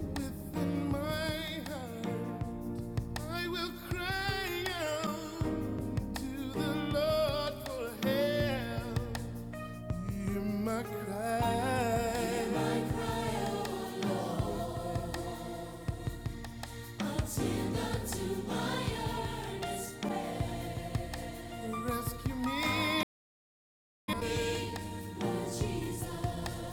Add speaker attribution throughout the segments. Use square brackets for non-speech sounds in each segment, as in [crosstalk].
Speaker 1: within my heart. I will cry out to the Lord for help. Hear my cry. Attend unto my earnest prayer, Rescue me. Jesus,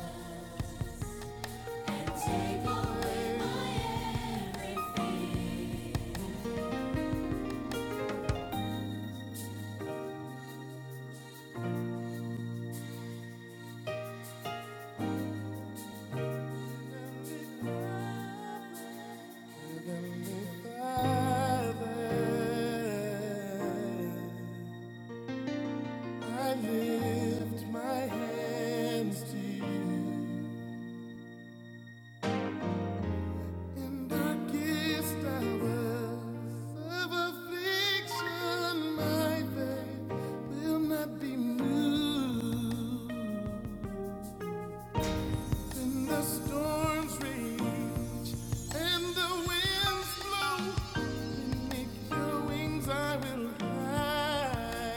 Speaker 1: and take away my Heavenly Father. I lift my hands to you in darkest hours of affliction. My faith will not be moved when the storms rage and the winds blow. Beneath your wings, I will hide.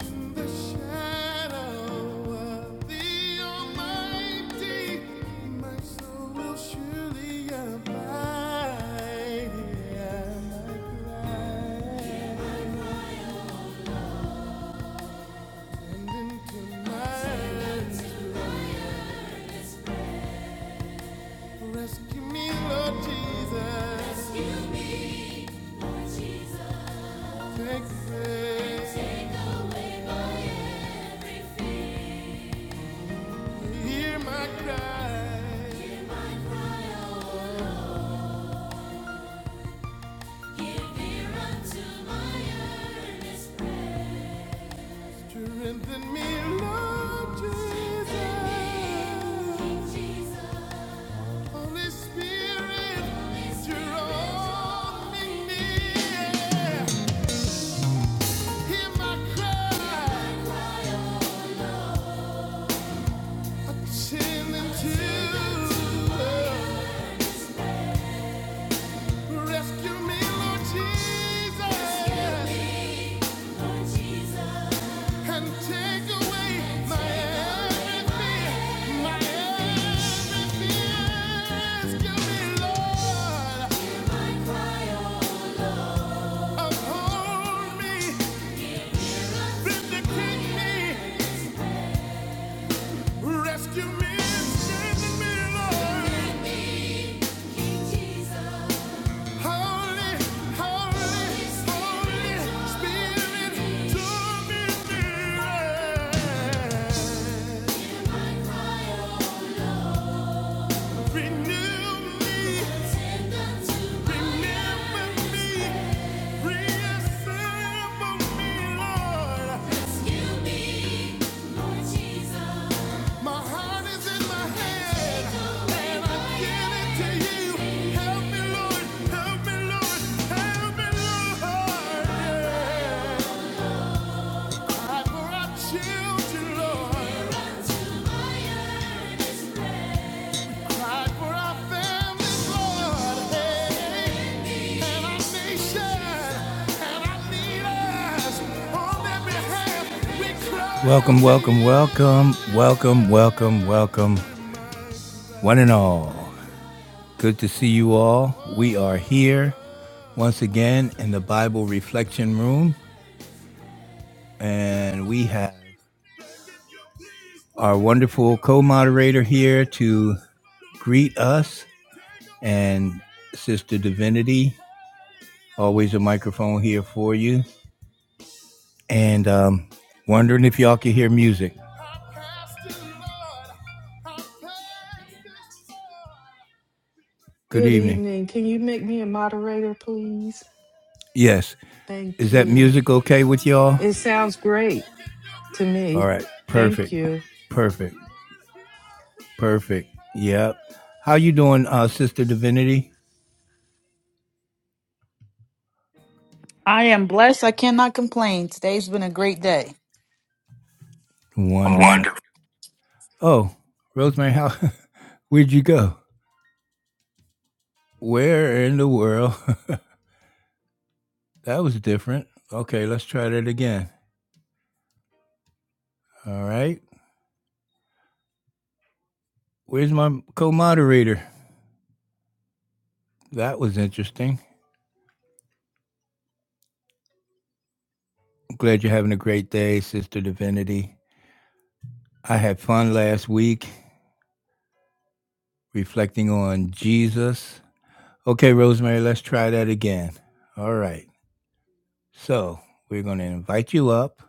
Speaker 1: The shadow of the Almighty, my soul will surely abide. And I cry, into my arms, rescue me, Lord Jesus. Take away, hear my cry. Strengthen me, Lord Jesus. Holy Spirit, draw me near. Hear my cry. Attend unto. Rescue me, Lord Jesus. can take away my everything, my everything. Rescue me, Lord. Uphold me, vindicate me, rescue me, save me, Lord. Holy, holy, holy Spirit, do me miracles. Children, Lord. here unto my earnest. Hey, Welcome, welcome, welcome, welcome, welcome, welcome, one and all. Good to see you all. We are here once again in the Bible Reflection Room, and we have our wonderful co moderator here to greet us and Sister Divinity. Always a microphone here for you. And um, wondering if y'all can hear music. Good
Speaker 2: Good
Speaker 1: evening.
Speaker 2: evening. Can you make me a moderator, please?
Speaker 1: Yes.
Speaker 2: Thank
Speaker 1: Is that
Speaker 2: you.
Speaker 1: music okay with y'all?
Speaker 2: It sounds great to
Speaker 1: All
Speaker 2: me.
Speaker 1: right.
Speaker 2: Thank
Speaker 1: Perfect.
Speaker 2: you.
Speaker 1: Perfect. Perfect. Yep. How you doing, uh, Sister Divinity?
Speaker 3: I am blessed. I cannot complain. Today's been a great day.
Speaker 1: Wonderful.
Speaker 3: Wonderful.
Speaker 1: Oh, Rosemary, how [laughs] where'd you go? Where in the world? [laughs] that was different. Okay, let's try that again. All right. Where's my co moderator? That was interesting. I'm glad you're having a great day, Sister Divinity. I had fun last week reflecting on Jesus. Okay, Rosemary, let's try that again. All right. So we're going to invite you up.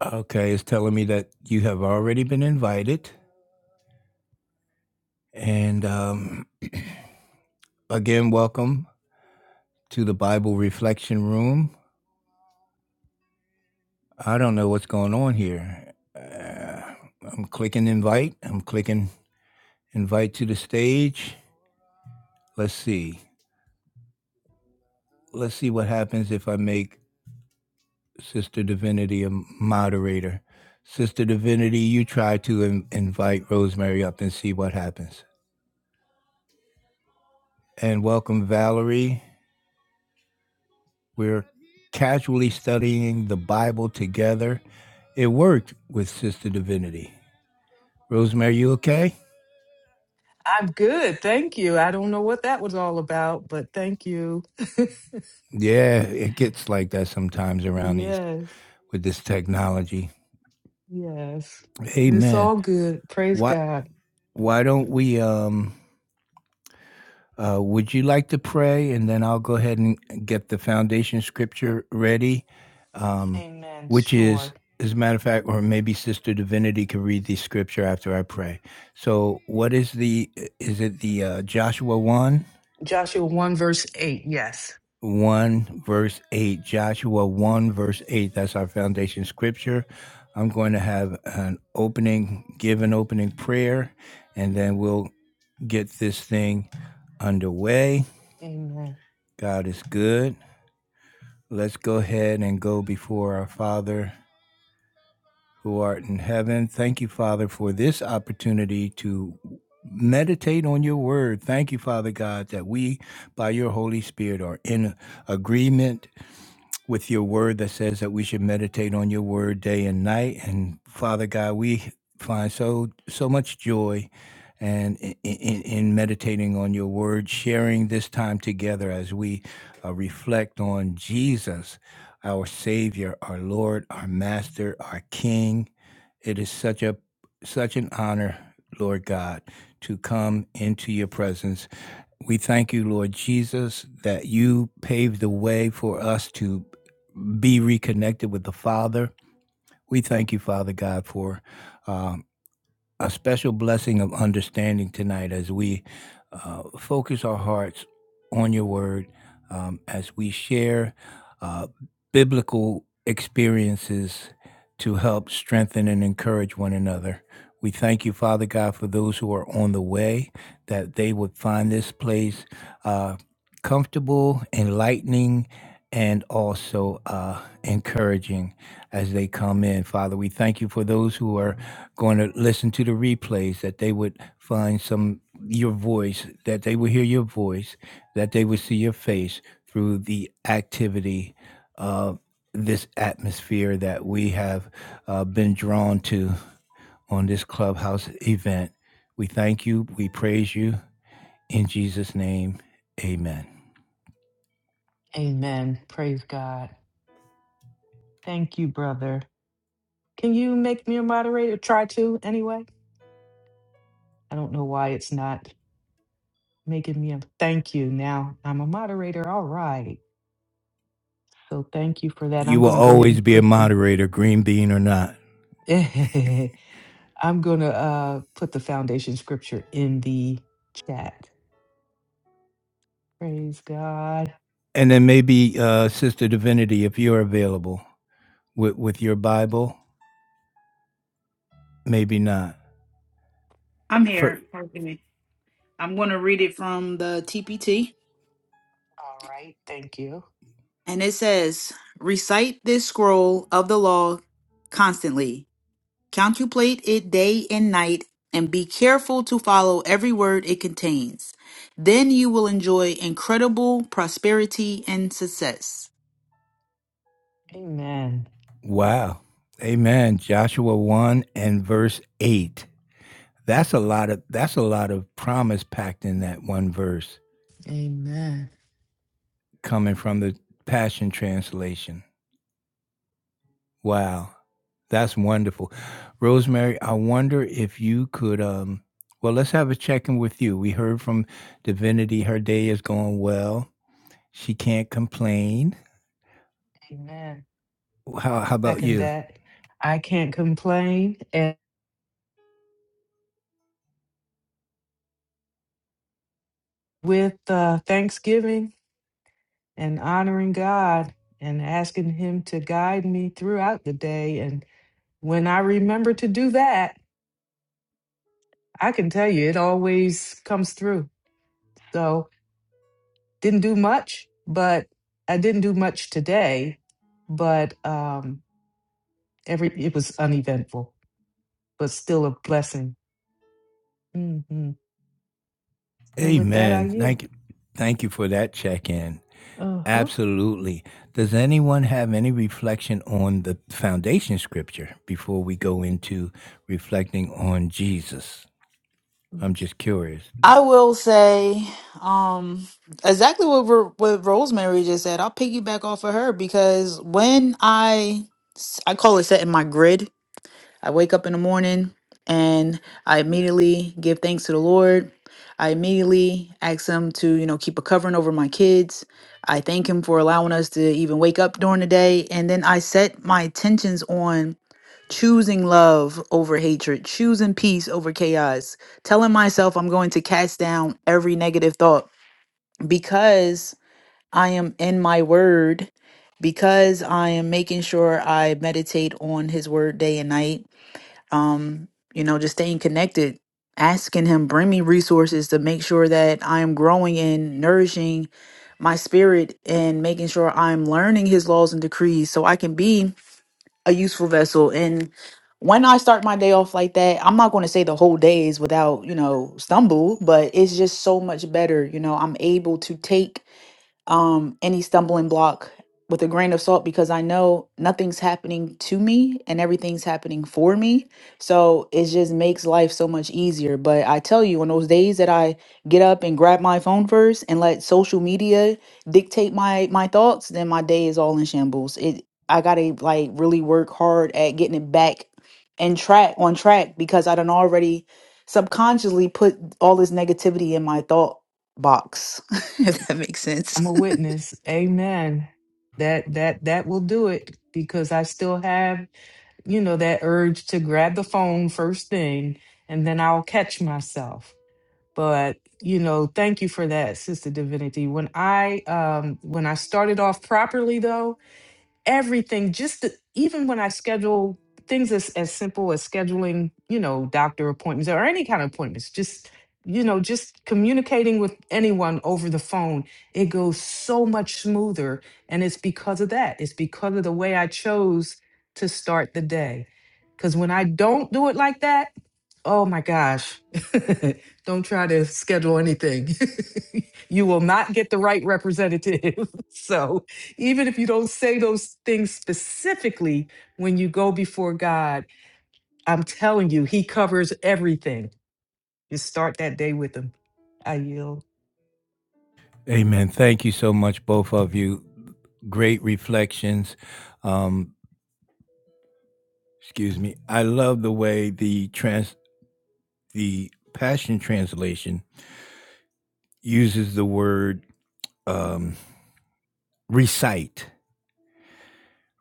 Speaker 1: Okay, it's telling me that you have already been invited. And um, again, welcome to the Bible Reflection Room. I don't know what's going on here. Uh, I'm clicking invite, I'm clicking Invite to the stage. Let's see. Let's see what happens if I make Sister Divinity a moderator. Sister Divinity, you try to in- invite Rosemary up and see what happens. And welcome, Valerie. We're casually studying the Bible together. It worked with Sister Divinity. Rosemary, you okay?
Speaker 2: I'm good. Thank you. I don't know what that was all about, but thank you. [laughs]
Speaker 1: Yeah, it gets like that sometimes around these
Speaker 2: yes.
Speaker 1: with this technology.
Speaker 2: Yes.
Speaker 1: Amen.
Speaker 2: It's
Speaker 1: man,
Speaker 2: all good. Praise
Speaker 1: why
Speaker 2: God.
Speaker 1: why don't we um Uh, would you like to pray? And then I'll go ahead and get the foundation scripture ready, um,
Speaker 2: Amen.
Speaker 1: which is,
Speaker 2: Sure.
Speaker 1: as a matter of fact, or maybe Sister Divinity can read the scripture after I pray. So, what is the, is it the uh, Joshua 1?
Speaker 2: Joshua 1, verse 8. Yes.
Speaker 1: 1 verse 8 joshua 1 verse 8 that's our foundation scripture i'm going to have an opening give an opening prayer and then we'll get this thing underway
Speaker 2: Amen.
Speaker 1: god is good Let's go ahead and go before our Father who art in heaven. Thank you, Father, for this opportunity to meditate on your word. Thank you, Father God, that we, by your Holy Spirit, are in agreement with your word that says that we should meditate on your word day and night. And Father God, we find so so much joy and in, in, in meditating on your word, sharing this time together as we uh, reflect on Jesus, our Savior, our Lord, our Master, our King. It is such a such an honor, Lord God, to come into your presence. We thank you, Lord Jesus, that you paved the way for us to be reconnected with the Father. We thank you, Father God, for um, a special blessing of understanding tonight as we uh, focus our hearts on your word, um, as we share uh, biblical experiences to help strengthen and encourage one another. We thank you, Father God, for those who are on the way, that they would find this place uh, comfortable, enlightening, and also uh, encouraging as they come in. Father, we thank you for those who are going to listen to the replays, that they would find some your voice, that they would hear your voice, that they would see your face through the activity this atmosphere that we have uh, been drawn to on this clubhouse event. We thank you. We praise you. In Jesus' name, amen.
Speaker 2: Amen. Praise God. Thank you, brother. Can you make me a moderator? Try to, anyway. I don't know why it's not. making me a thank you. Now I'm a moderator. All right. So thank you for that.
Speaker 1: You
Speaker 2: I'm
Speaker 1: will
Speaker 2: going to go ahead
Speaker 1: always
Speaker 2: and
Speaker 1: be a
Speaker 2: put the
Speaker 1: moderator, green bean or not.
Speaker 2: [laughs] I'm going to uh put the foundation scripture in the chat. Praise God.
Speaker 1: And then maybe uh, Sister Divinity, if you're available with, with your Bible, maybe not.
Speaker 3: I'm
Speaker 1: For,
Speaker 3: here. Pardon me. I'm going to read it from the TPT.
Speaker 2: All right. Thank you.
Speaker 3: And it says Recite this scroll of the law constantly, contemplate it day and night, and be careful to follow every word it contains. Then you will enjoy incredible prosperity and success.
Speaker 2: Amen.
Speaker 1: wow. Amen. Joshua 1 and verse 8. That's a lot of that's a lot of promise packed in that one verse.
Speaker 2: Amen.
Speaker 1: coming from the Passion Translation. Wow, that's wonderful. Rosemary, I wonder if you could. Um, well, let's have a check in with you. We heard from Divinity, her day is going well. She can't complain.
Speaker 2: Amen.
Speaker 1: How, how about
Speaker 2: Second
Speaker 1: you?
Speaker 2: that. I can't complain and with uh Thanksgiving and honoring God and asking him to guide me throughout the day and when I remember to do that, I can tell you, it always comes through. So didn't do much, but I didn't do much today. But um, every it was uneventful, but still a blessing. hmm And with that, I
Speaker 1: Amen. Thank
Speaker 2: yield.
Speaker 1: you. Thank you for that check in.
Speaker 2: Uh huh.
Speaker 1: Absolutely. Does anyone have any reflection on the foundation scripture before we go into reflecting on Jesus? I'm just curious.
Speaker 3: I will say um exactly what Ro- what Rosemary just said. I'll piggyback off of her because when I s- I call it setting my grid. I wake up in the morning and I immediately give thanks to the Lord. I immediately ask him to, you know, keep a covering over my kids. I thank him for allowing us to even wake up during the day and then I set my intentions on choosing love over hatred, choosing peace over chaos, telling myself I'm going to cast down every negative thought because I am in my word, because I am making sure I meditate on his word day and night. Um, you know, just staying connected, asking him bring me resources to make sure that I am growing and nourishing my spirit and making sure I'm learning his laws and decrees so I can be a useful vessel. And when I start my day off like that, I'm not going to say the whole day is without, you know, stumble, but it's just so much better. You know, I'm able to take um, any stumbling block with a grain of salt because I know nothing's happening to me and everything's happening for me. So it just makes life so much easier. But I tell you, on those days that I get up and grab my phone first and let social media dictate my my thoughts, then my day is all in shambles. It I gotta like really work hard at getting it back and track on track because I done already subconsciously put all this negativity in my thought box, [laughs] if that makes sense.
Speaker 2: I'm a witness. Amen. That that that will do it because I still have you know that urge to grab the phone first thing, and then I'll catch myself. but you know thank you for that sister divinity when i um when i started off properly though everything just the, even when i schedule things as, as simple as scheduling you know doctor appointments or any kind of appointments just you know just communicating with anyone over the phone it goes so much smoother and it's because of that it's because of the way i chose to start the day because when i don't do it like that oh my gosh [laughs] don't try to schedule anything [laughs] you will not get the right representative [laughs] so even if you don't say those things specifically when you go before God, I'm telling you, He covers everything. Just start that day with Him. I yield.
Speaker 1: Amen. Thank you so much, both of you. Great reflections. Um, excuse me. I love the way the trans the Passion Translation uses the word um, recite.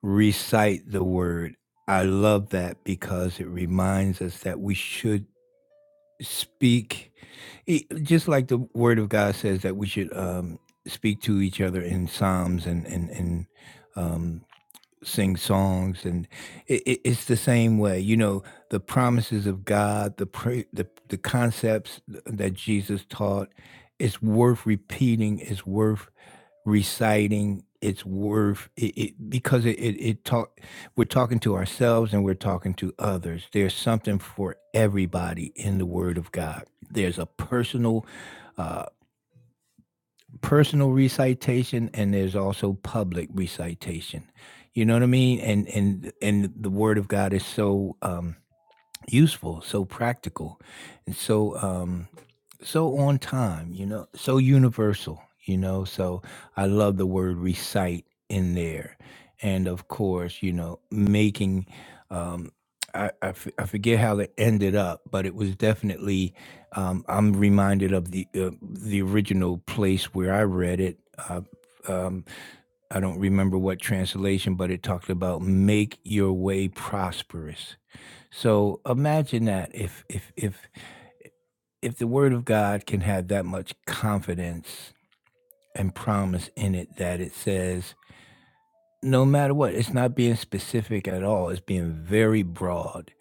Speaker 1: Recite the word. I love that because it reminds us that we should speak, e- just like the Word of God says that we should um, speak to each other in psalms and and and. um, sing songs and it, it, it's the same way you know the promises of god the, pra- the the concepts that jesus taught it's worth repeating it's worth reciting it's worth it, it because it, it it talk we're talking to ourselves and we're talking to others there's something for everybody in the word of god there's a personal uh, personal recitation and there's also public recitation. You know what I mean? And and and the word of God is so um useful, so practical, and so um, so on time. You know, so universal. You know, so I love the word recite in there, and of course, you know, making. Um, I, I, f- I forget how it ended up, but it was definitely. Um, I'm reminded of the uh, the original place where I read it. Uh, um, I don't remember what translation, but it talked about make your way prosperous so imagine that if if if if the word of God can have that much confidence and promise in it that it says no matter what it's not being specific at all it's being very broad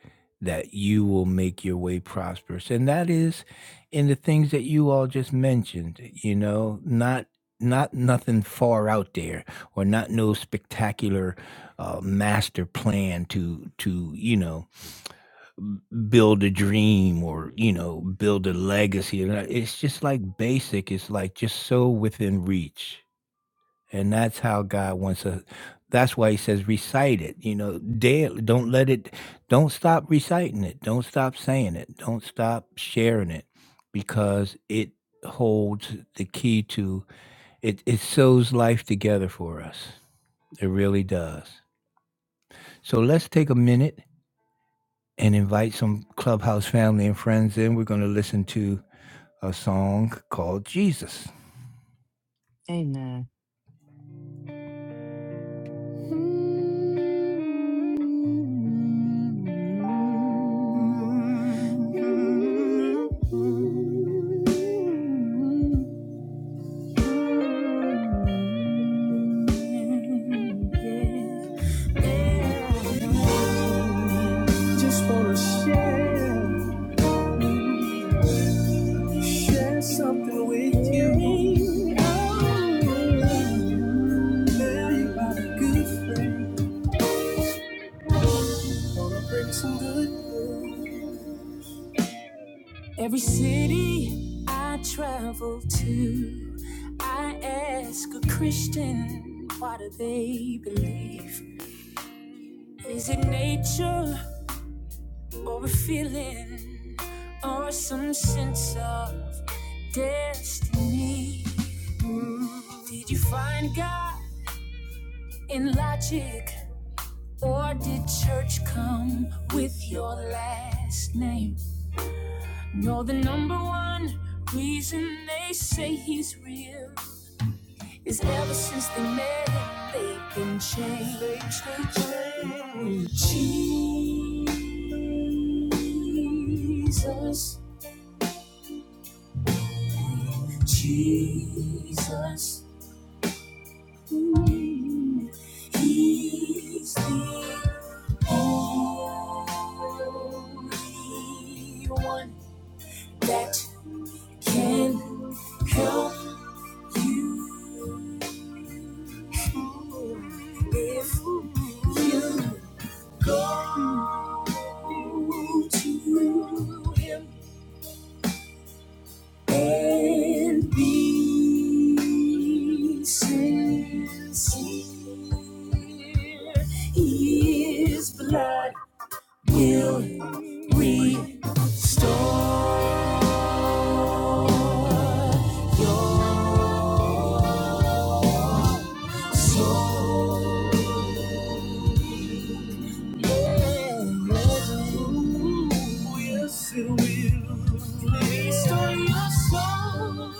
Speaker 1: that you will make your way prosperous and that is in the things that you all just mentioned you know not not nothing far out there or not no spectacular uh, master plan to to you know build a dream or you know build a legacy and I- it's just like basic it's like just so within reach and that's how god wants us that's why he says recite it you know daily don't let it don't stop reciting it don't stop saying it don't stop sharing it because it holds the key to it it sews life together for us it really does so let's take a minute and invite some clubhouse family and friends in. We're going to listen to a song called Jesus.
Speaker 2: Amen.
Speaker 1: Just want to share, share something with you. Oh, tell you about a good friend. Gonna bring some good news. Every city I travel to, I ask a Christian, what do they believe? Is it nature or a feeling or some sense of destiny? Mm, Did you find God in logic or did church come with your last name? No, the number one reason they say he's real is ever since they met, they've been changed. They've Jesus, Jesus, mm, He's the only one that can help if you Go to him and be sincere. His blood will restore your soul. Oh, yes, it will. Restore your soul.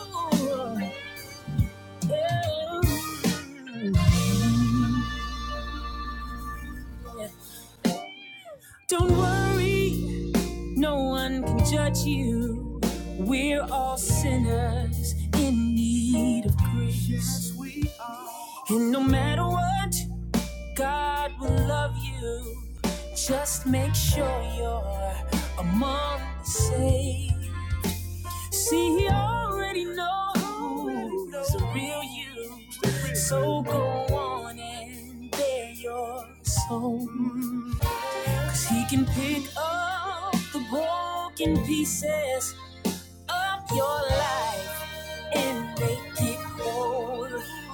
Speaker 1: Don't worry, no one can judge you. We're all sinners in need of grace. Yes, we are. And no matter what, God will love you. Just make sure you're among the saved. See, he already knows the real you. So go on and bear your soul. Cause he can pick up the broken pieces of your life and make it whole.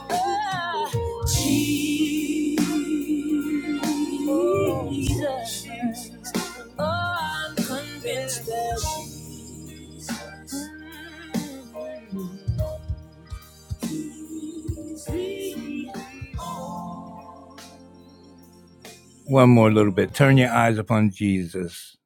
Speaker 1: Ah, Jesus. Oh, I'm convinced that Jesus. One more little bit. Turn your eyes upon Jesus.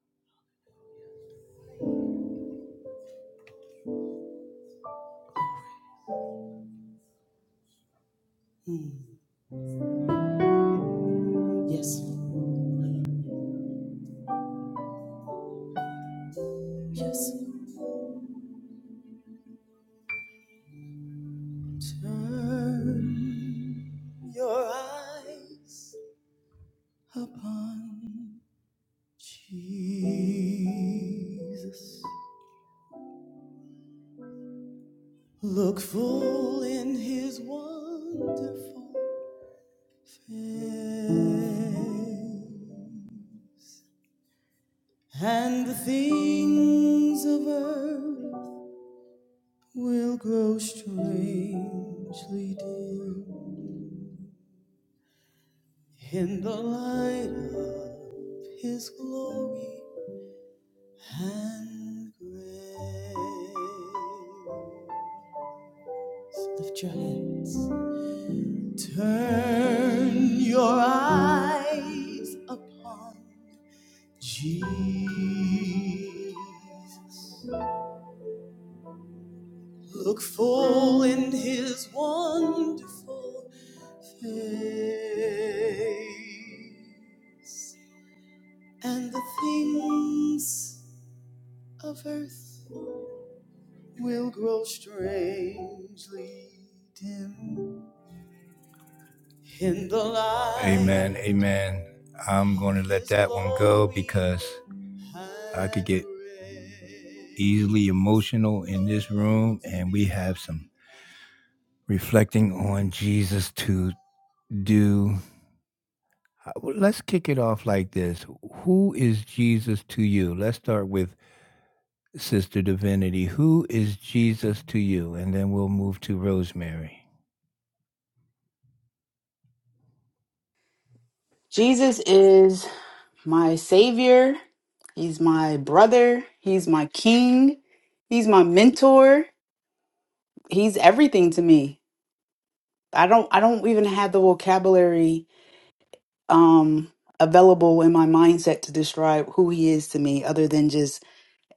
Speaker 1: Yes. Turn your eyes upon Jesus. Look full in his wonderful Yeah. And the things of earth will grow strangely dim in the light of His glory and grace. Lift your hands. Turn your eyes upon Jesus. Look full in his wonderful face, and the things of earth will grow strange. Amen. Amen. I'm going to let that one go because I could get easily emotional in this room, and we have some reflecting on Jesus to do. Uh, well, Let's kick it off like this Who is Jesus to you? Let's start with Sister Divinity, who is Jesus to you? And then we'll move to Rosemary.
Speaker 3: Jesus is my savior. He's my brother. He's my king. He's my mentor. He's everything to me. I don't I don't even have the vocabulary um available in my mindset to describe who he is to me other than just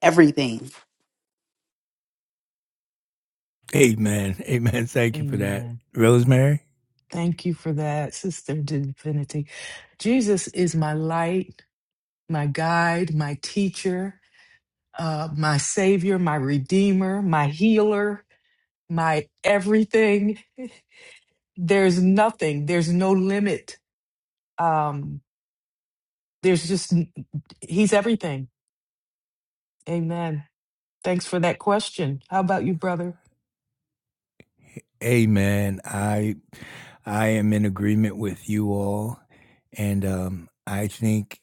Speaker 3: everything.
Speaker 1: Amen. [laughs] Amen. Thank you for that.
Speaker 2: Amen.
Speaker 1: Rosemary?
Speaker 2: Thank you for that, Sister Divinity. Jesus is my light, my guide, my teacher, uh, my savior, my redeemer, my healer, my everything. There's nothing, there's no limit. Um, There's just, he's everything. Amen. Thanks for that question. How about you, brother?
Speaker 1: Amen. I I am in agreement with you all. And um, I think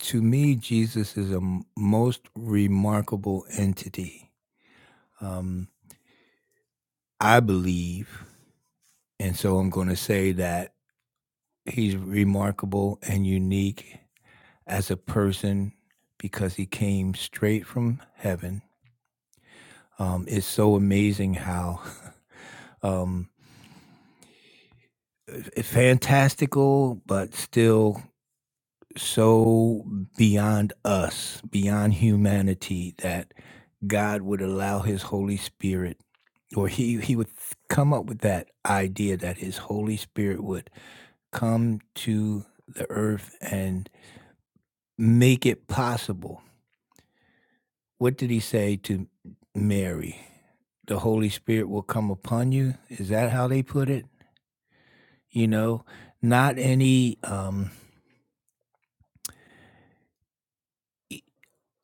Speaker 1: to me, Jesus is a m- most remarkable entity. Um, I believe. And so I'm going to say that he's remarkable and unique as a person because he came straight from heaven. Um, it's so amazing how [laughs] um, fantastical, but still so beyond us, beyond humanity, that God would allow His Holy Spirit, or He He would come up with that idea that His Holy Spirit would come to the earth and make it possible what did he say to Mary? The Holy Spirit will come upon you. Is that how they put it? You know, not any um,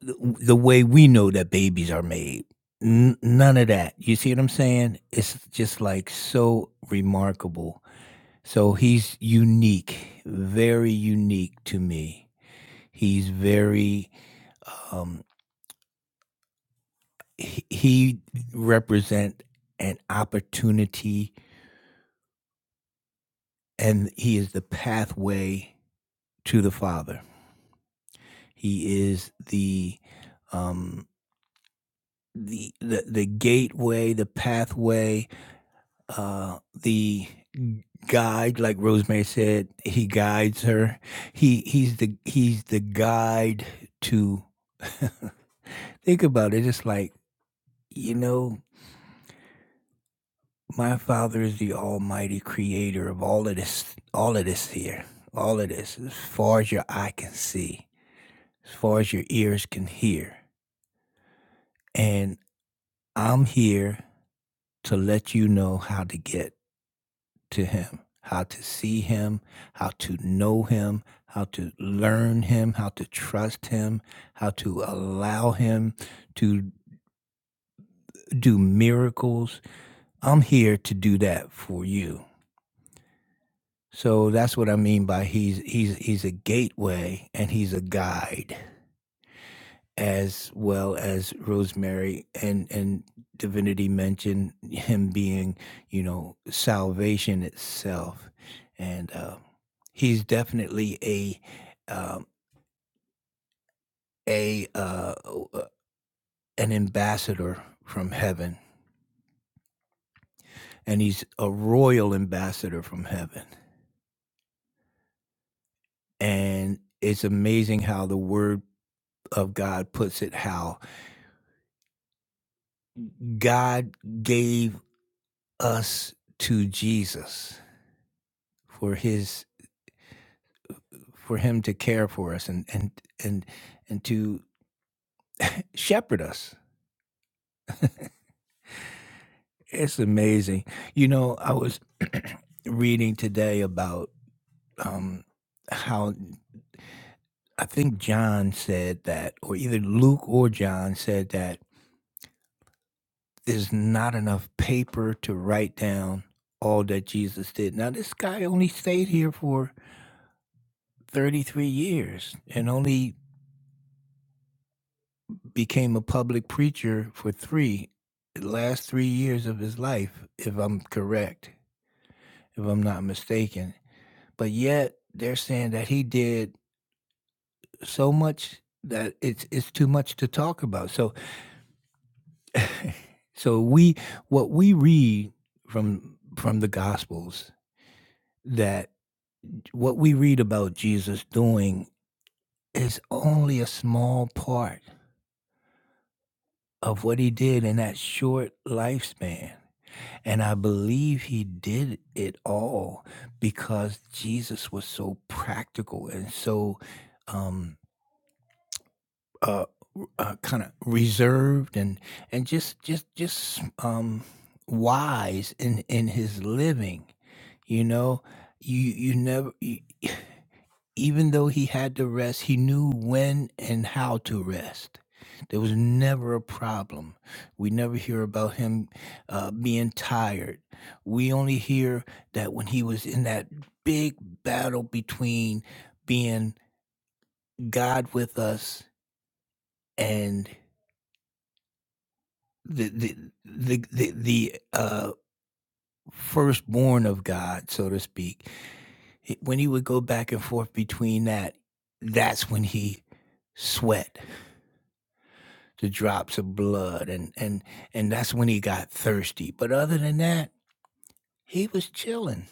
Speaker 1: the, the way we know that babies are made. N- none of that. You see what I'm saying? It's just like so remarkable. So he's unique, very unique to me. He's very um, he, he represent an opportunity, and he is the pathway to the Father. He is the um, the, the the gateway, the pathway, uh, the guide. Like Rosemary said, he guides her. He he's the he's the guide to. Think about it. It's like you know, my Father is the Almighty Creator of all of this, all of this here, all of this, as far as your eye can see, as far as your ears can hear, and I'm here to let you know how to get to Him, how to see Him, how to know Him, how to learn Him, how to trust Him, how to allow Him to do miracles. I'm here to do that for you. So that's what I mean by he's he's he's a gateway and he's a guide. as well as Rosemary and and Divinity mentioned him being, you know, salvation itself, and uh, he's definitely a um, a uh, uh, an ambassador from heaven, and he's a royal ambassador from heaven, and it's amazing how the word of God puts it how God gave us to Jesus for his for him to care for us and and and and to shepherd us. It's amazing. You know, I was [clears throat] reading today about um, how I think John said that, or either Luke or John said that there's not enough paper to write down all that Jesus did. Now, this guy only stayed here for 33 years and only became a public preacher for three the last three years of his life, if I'm correct, if I'm not mistaken. But yet they're saying that he did so much that it's it's too much to talk about. So so we what we read from from the gospels that what we read about Jesus doing is only a small part of what he did in that short lifespan. And I believe he did it all because Jesus was so practical and so um, uh, uh, kind of reserved and and just just just um, wise in in his living. You know, you you never you, even though he had to rest, he knew when and how to rest. There was never a problem. We never hear about him uh, being tired. We only hear that when he was in that big battle between being God with us and the the the the, the uh, firstborn of God, so to speak. When he would go back and forth between that, that's when he sweat the drops of blood and and and that's when he got thirsty but other than that he was chilling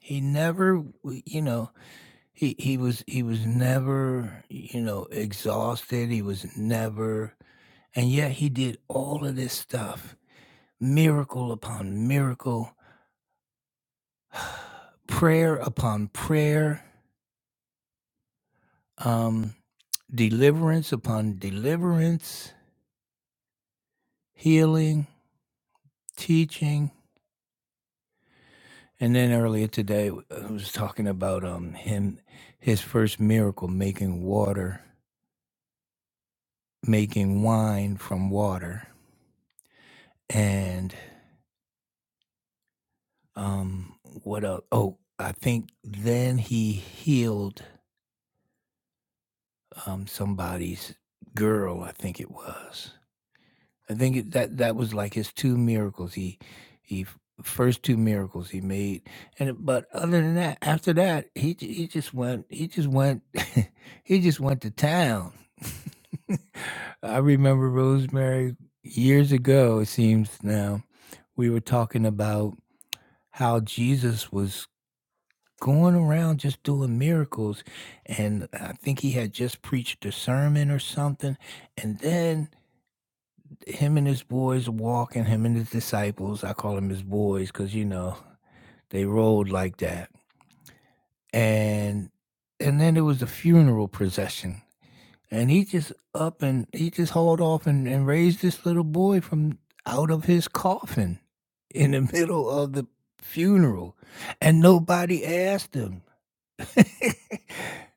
Speaker 1: he never you know he he was he was never you know exhausted he was never and yet he did all of this stuff miracle upon miracle prayer upon prayer um deliverance upon deliverance healing teaching And then earlier today, I was talking about um him, his first miracle, making water, making wine from water, and um what else? Oh, I think then he healed um somebody's girl. I think it was. I think it, that that was like his 2 miracles. He he first 2 miracles he made, and but other than that, after that, he j he just went he just went [laughs] he just went to town. [laughs] I remember Rosemary years ago, it seems now, we were talking about how Jesus was going around just doing miracles, and I think he had just preached a sermon or something, and then him and his boys walking, him and his disciples, I call them his boys because, you know, they rolled like that. And and then there was the funeral procession. And he just up and he just hauled off and, and raised this little boy from out of his coffin in the middle of the funeral. And nobody asked him. [laughs]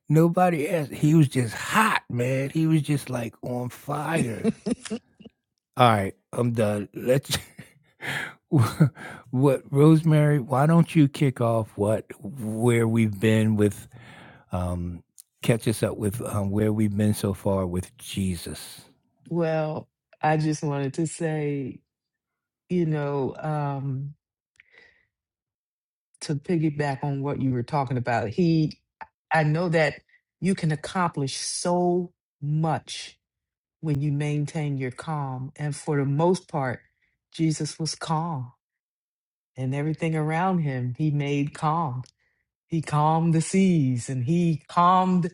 Speaker 1: nobody asked. He was just hot, man. He was just like on fire. All right, I'm done. Let's [laughs] [laughs] what Rosemary, why don't you kick off what where we've been with um catch us up with um, where we've been so far with Jesus.
Speaker 2: Well, I just wanted to say, you know, um, to piggyback on what you were talking about, he, I know that you can accomplish so much when you maintain your calm. And for the most part, Jesus was calm and everything around him, he made calm. He calmed the seas and he calmed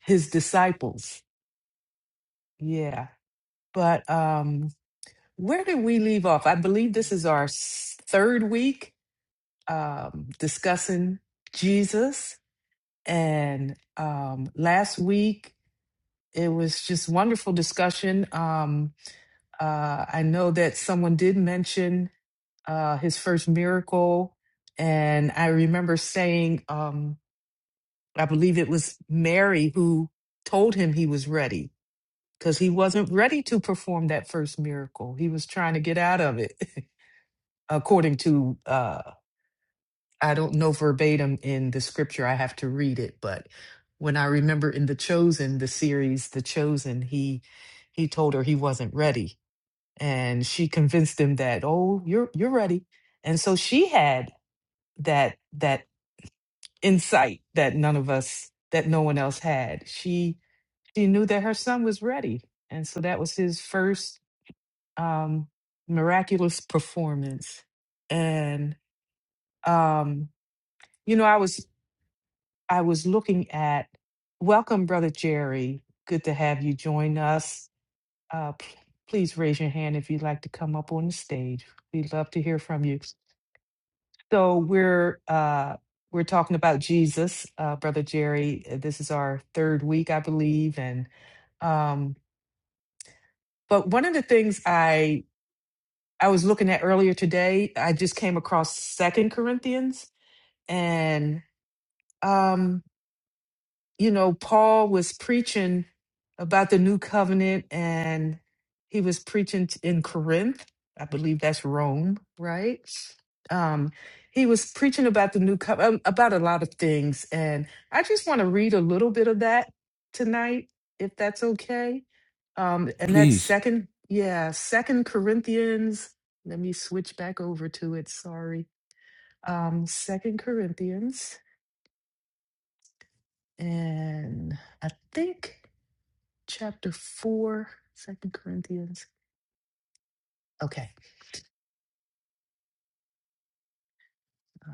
Speaker 2: his disciples Yeah, but um, where did we leave off? I believe this is our s- third week um, discussing Jesus, and um, last week it was just wonderful discussion. Um, uh, I know that someone did mention uh, his first miracle, and I remember saying, um, I believe it was Mary who told him he was ready because he wasn't ready to perform that first miracle. He was trying to get out of it, [laughs] according to, uh, I don't know verbatim in the scripture, I have to read it, but when I remember in The Chosen, the series The Chosen, he he told her he wasn't ready. And she convinced him that, oh, you're you're ready. And so she had that that insight that none of us that no one else had. She she knew that her son was ready. And so that was his first um, miraculous performance, and um, you know, I was I was looking at welcome, brother Jerry. Good to have you join us. Uh, p- please raise your hand if you'd like to come up on the stage. We'd love to hear from you. So we're uh, we're talking about Jesus, uh, brother Jerry. Uh, This is our third week, I believe, and um, but one of the things I. I was looking at earlier today. I just came across Second Corinthians, and um, you know, Paul was preaching about the new covenant and he was preaching t- in Corinth. I believe that's Rome, right? Um, he was preaching about the new covenant, about a lot of things. And I just want to read a little bit of that tonight, if that's okay. Um, and that's
Speaker 1: Please.
Speaker 2: second, yeah, second Corinthians. Let me switch back over to it. Sorry. Um, second Corinthians. And I think. chapter 4, Second Corinthians. Okay. Uh,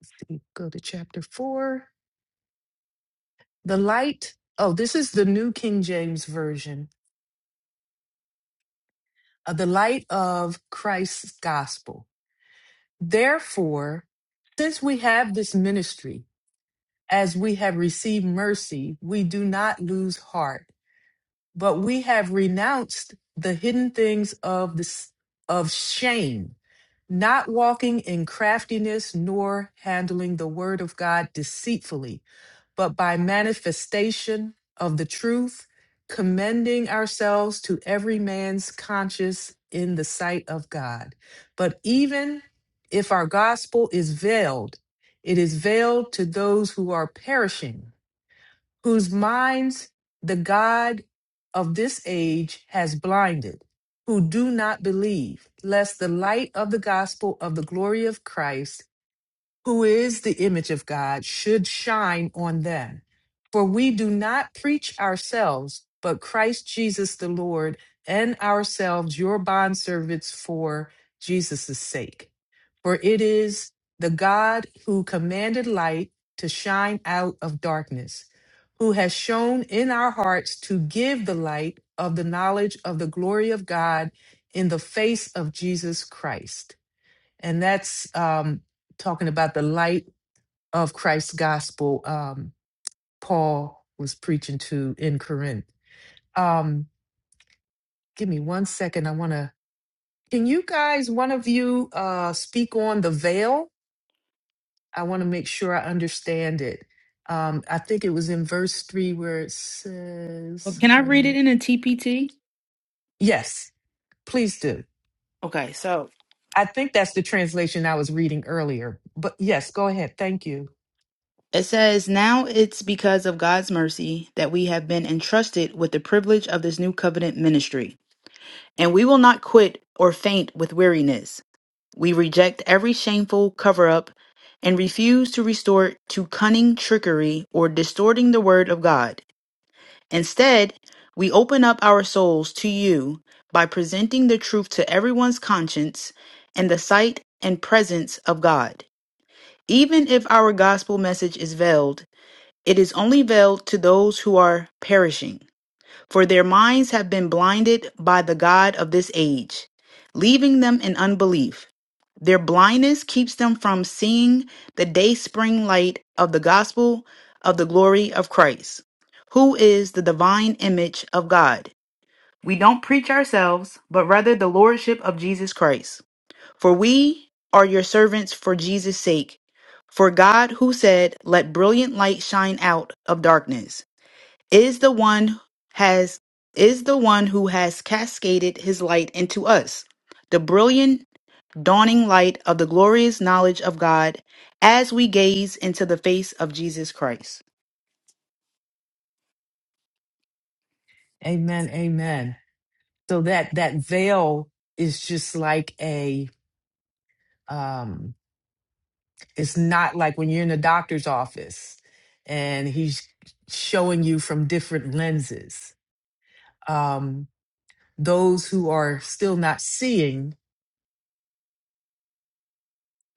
Speaker 2: let's see, go to chapter 4. The light. Oh, this is the New King James Version. Uh, the light of Christ's gospel. Therefore, since we have this ministry, as we have received mercy, we do not lose heart but we have renounced the hidden things of this of shame not walking in craftiness nor handling the word of god deceitfully but by manifestation of the truth commending ourselves to every man's conscience in the sight of god but even if our gospel is veiled it is veiled to those who are perishing whose minds the God of this age has blinded, who do not believe, lest the light of the gospel of the glory of Christ who is the image of God, should shine on them. For we do not preach ourselves, but Christ Jesus the Lord, and ourselves your bondservants for Jesus' sake. For it is the God who commanded light to shine out of darkness, who has shown in our hearts to give the light of the knowledge of the glory of God in the face of Jesus Christ and that's um, talking about the light of Christ's gospel. Um, Paul was preaching to in Corinth. Um, give me one second. I want to. Can you guys, one of you, uh, speak on the veil? I want to make sure I understand it. Um, I think it was in verse three where it
Speaker 3: Well,
Speaker 2: says,
Speaker 3: Can I
Speaker 2: "Wait a
Speaker 3: read it
Speaker 2: minute."
Speaker 3: in a TPT?
Speaker 2: Yes, please do.
Speaker 3: Okay, so
Speaker 2: I think that's the translation I was reading earlier. But yes, go ahead. Thank you.
Speaker 3: it says, Now it's because of God's mercy that we have been entrusted with the privilege of this new covenant ministry. And we will not quit or faint with weariness. We reject every shameful cover up and refuse to resort to cunning trickery or distorting the word of God. Instead, we open up our souls to you by presenting the truth to everyone's conscience and the sight and presence of God. Even if our gospel message is veiled, it is only veiled to those who are perishing. For their minds have been blinded by the God of this age, leaving them in unbelief. Their blindness keeps them from seeing the dayspring light of the gospel of the glory of Christ, who is the divine image of God. We don't preach ourselves, but rather the lordship of Jesus Christ. For we are your servants for Jesus' sake. For God, who said, Let brilliant light shine out of darkness is the one has is the one who has cascaded his light into us the brilliant dawning light of the glorious knowledge of god as we gaze into the face of jesus christ
Speaker 2: Amen. Amen. so that that veil is just like a um it's not like when you're in the doctor's office and he's showing you from different lenses um those who are still not seeing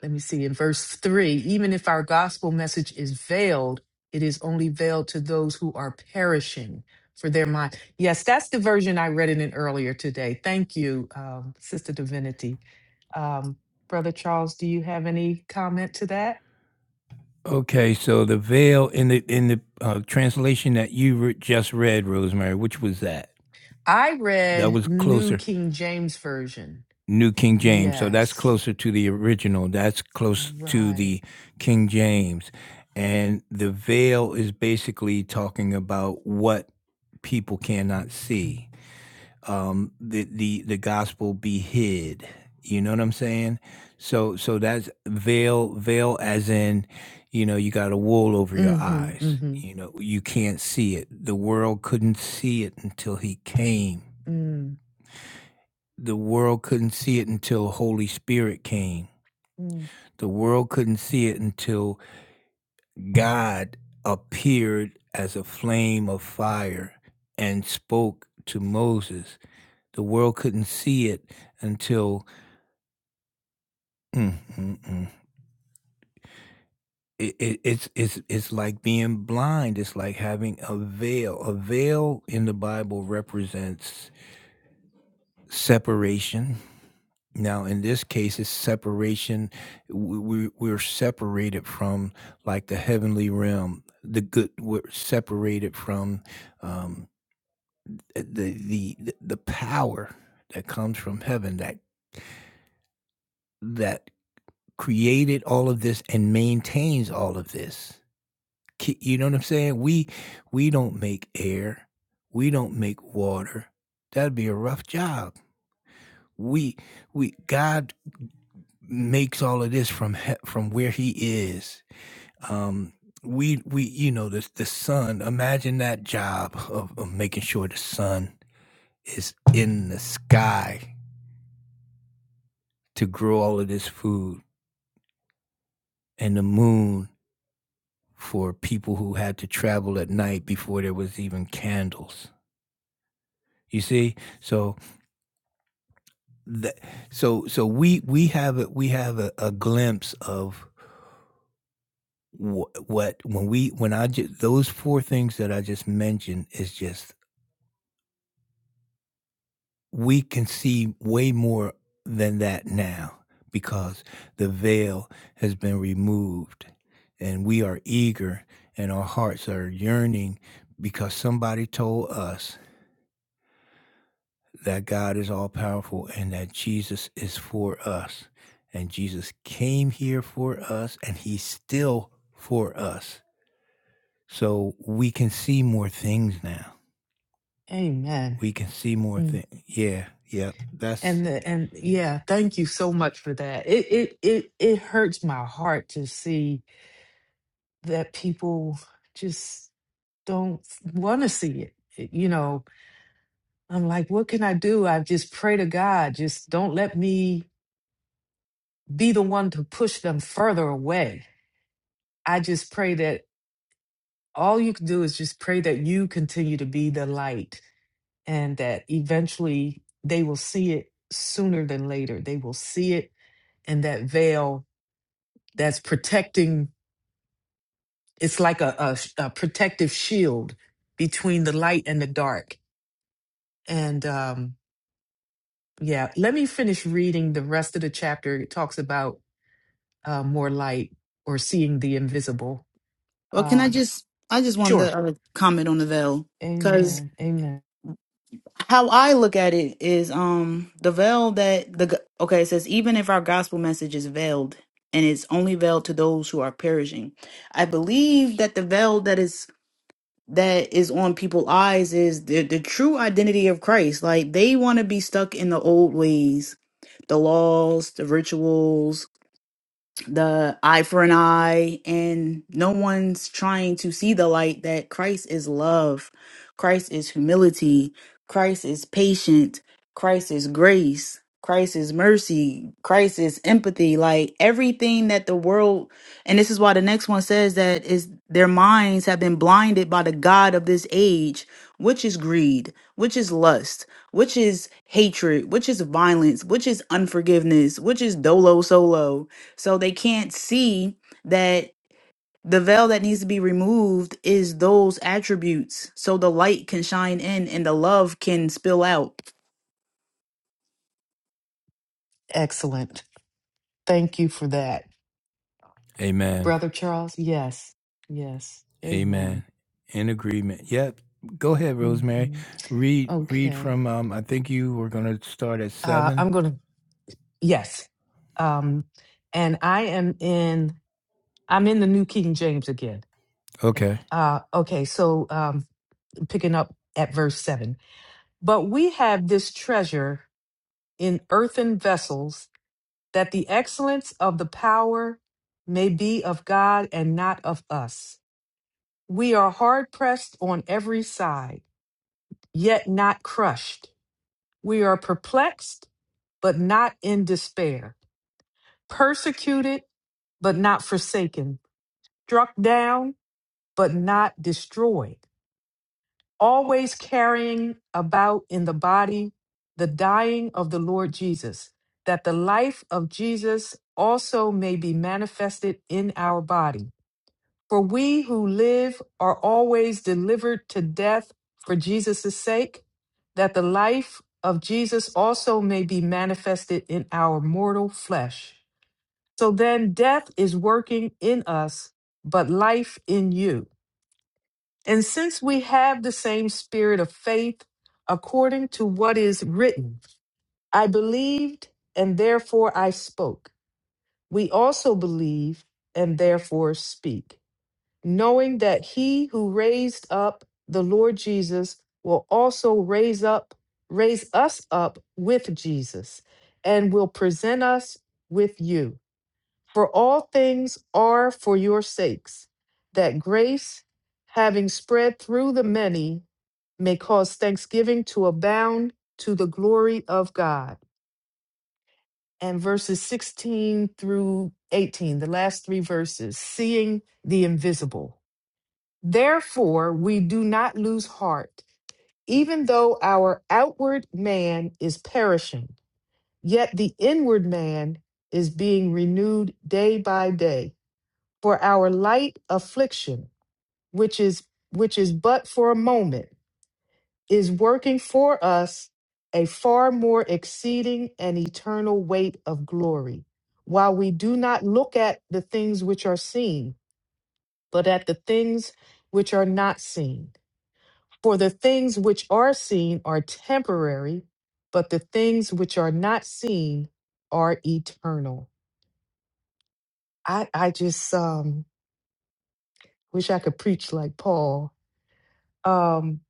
Speaker 2: let me see, in verse three, even if our gospel message is veiled, it is only veiled to those who are perishing for their mind. Yes, that's the version I read it in earlier today. Thank you, um, Sister Divinity. Um, Brother Charles, do you have any comment to that?
Speaker 1: Okay, so the veil in the in the uh, translation that you re- just read, Rosemary, which was that?
Speaker 2: I
Speaker 1: That
Speaker 2: read
Speaker 1: was
Speaker 2: New
Speaker 1: closer
Speaker 2: King James Version.
Speaker 1: New King James. So that's
Speaker 2: Yes,
Speaker 1: closer to the original. That's close to
Speaker 2: right.
Speaker 1: the King James. And the veil is basically talking about what people cannot see. Um, the, the, the gospel be hid. You know what I'm saying? So so that's veil, veil as in, you know, you got a wool over your
Speaker 2: Mm-hmm,
Speaker 1: eyes.
Speaker 2: mm-hmm,
Speaker 1: You know, you can't see it. The world couldn't see it until he came.
Speaker 2: mm,
Speaker 1: The world couldn't see it until Holy Spirit came
Speaker 2: mm.
Speaker 1: The world couldn't see it until God appeared as a flame of fire and spoke to Moses. The world couldn't see it until mm, mm, mm. It, it, it's it's it's like being blind. It's like having a veil. A veil in the Bible represents separation Now, in this case, it's separation. We, we, we're separated from like the heavenly realm. The good. We're separated from um, the the the power that comes from heaven that that created all of this and maintains all of this. Ki- You know what I'm saying? We we don't make air. We don't make water. That'd be a rough job. We we God makes all of this from he- from where He is Um, we we you know the the sun. Imagine that job of, of making sure the sun is in the sky to grow all of this food, and the moon for people who had to travel at night before there was even candles. You see, so that so so we we have a, we have a, a glimpse of wh- what when we when I just those four things that I just mentioned is just we can see way more than that now because the veil has been removed and we are eager and our hearts are yearning because somebody told us that God is all powerful and that Jesus is for us. And Jesus came here for us and he's still for us. So we can see more things now.
Speaker 2: Amen.
Speaker 1: We can see more
Speaker 2: Mm-hmm.
Speaker 1: things. Yeah, yeah. That's
Speaker 2: And the, and yeah, thank you so much for that. It it it it hurts my heart to see that people just don't want to see it. It- You know, I'm like, what can I do? I just pray to God, just don't let me be the one to push them further away. I just pray that all you can do is just pray that you continue to be the light and that eventually they will see it sooner than later. They will see it and that veil that's protecting it's like a, a sh- a protective shield between the light and the dark. And um, yeah, let me finish reading the rest of the chapter. It talks about uh, more light or seeing the invisible.
Speaker 3: well can i
Speaker 2: Um,
Speaker 3: just i just wanted
Speaker 2: sure.
Speaker 3: to uh, comment on the veil because
Speaker 2: Amen. Amen.
Speaker 3: how i look at it is um the veil that the g- okay it says even if our gospel message is veiled and it's only veiled to those who are perishing i believe that the veil that is that is on people's eyes is the, the true identity of Christ. Like they want to be stuck in the old ways, the laws, the rituals, the eye for an eye and no one's trying to see the light that Christ is love, Christ is humility, Christ is patient, Christ is grace, Christ is mercy, Christ is empathy, like everything that the world and this is why the next one says that is their minds have been blinded by the god of this age, which is greed, which is lust, which is hatred, which is violence, which is unforgiveness, which is dolo solo so they can't see that the veil that needs to be removed is those attributes. So the light can shine in and the love can spill out.
Speaker 2: Excellent. Thank you for that,
Speaker 1: Amen.
Speaker 2: Brother Charles. Yes. Yes. Amen.
Speaker 1: Amen. In agreement. Yep. Go ahead, Rosemary.
Speaker 2: hmm
Speaker 1: Read read
Speaker 2: Okay.
Speaker 1: from um I think you were gonna start at
Speaker 2: Uh,
Speaker 1: seven.
Speaker 2: I'm going to, yes. Um, and I am in, I'm in the New King James again.
Speaker 1: Okay.
Speaker 2: Uh, okay, so um, picking up at verse 7. But we have this treasure in earthen vessels, that the excellence of the power may be of God and not of us. We are hard pressed on every side, yet not crushed. We are perplexed, but not in despair, persecuted, but not forsaken, struck down, but not destroyed always carrying about in the body the dying of the Lord Jesus, that the life of Jesus also may be manifested in our body. For we who live are always delivered to death for Jesus' sake, that the life of Jesus also may be manifested in our mortal flesh. So then death is working in us, but life in you. And since we have the same spirit of faith, according to what is written, I believed and therefore I spoke. We also believe and therefore speak, knowing that he who raised up the Lord Jesus will also raise up raise us up with Jesus and will present us with you. For all things are for your sakes, that grace having spread through the many may cause thanksgiving to abound to the glory of God. And verses 16 through 18, the last three verses, seeing the invisible. Therefore, we do not lose heart, even though our outward man is perishing, yet the inward man is being renewed day by day. For our light affliction, which is which is but for a moment, is working for us a far more exceeding and eternal weight of glory, while we do not look at the things which are seen, but at the things which are not seen. For the things which are seen are temporary, but the things which are not seen are eternal. I, I just um, wish I could preach like Paul. Um,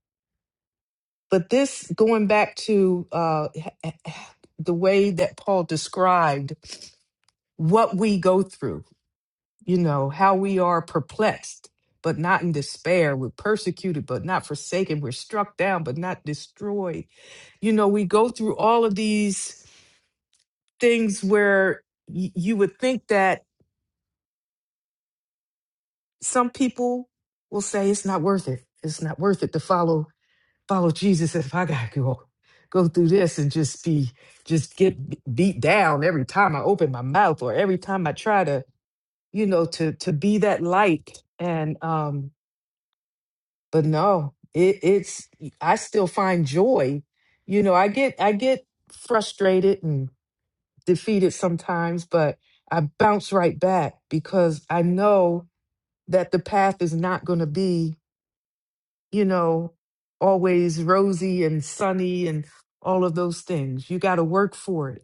Speaker 2: but this going back to uh, [sighs] the way that Paul described what we go through, you know, how we are perplexed, but not in despair. We're persecuted, but not forsaken. We're struck down, but not destroyed. You know, we go through all of these things where y- you would think that some people will say it's not worth it. It's not worth it to follow follow Jesus if I gotta go go through this and just be just get b- beat down every time I open my mouth or every time I try to you know to to be that light and um but no it, it's i still find joy you know i get i get frustrated and defeated sometimes but i bounce right back because i know that the path is not going to be you know always rosy and sunny and all of those things you got to work for it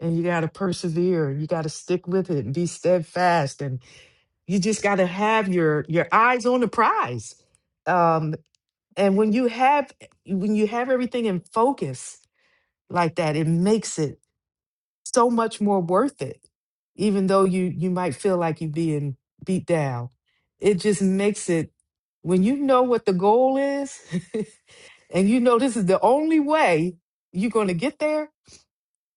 Speaker 2: and you got to persevere and you got to stick with it and be steadfast and you just got to have your your eyes on the prize Um, and when you have when you have everything in focus like that it makes it so much more worth it even though you you might feel like you're being beat down it just makes it when you know what the goal is [laughs] and you know this is the only way you're going to get there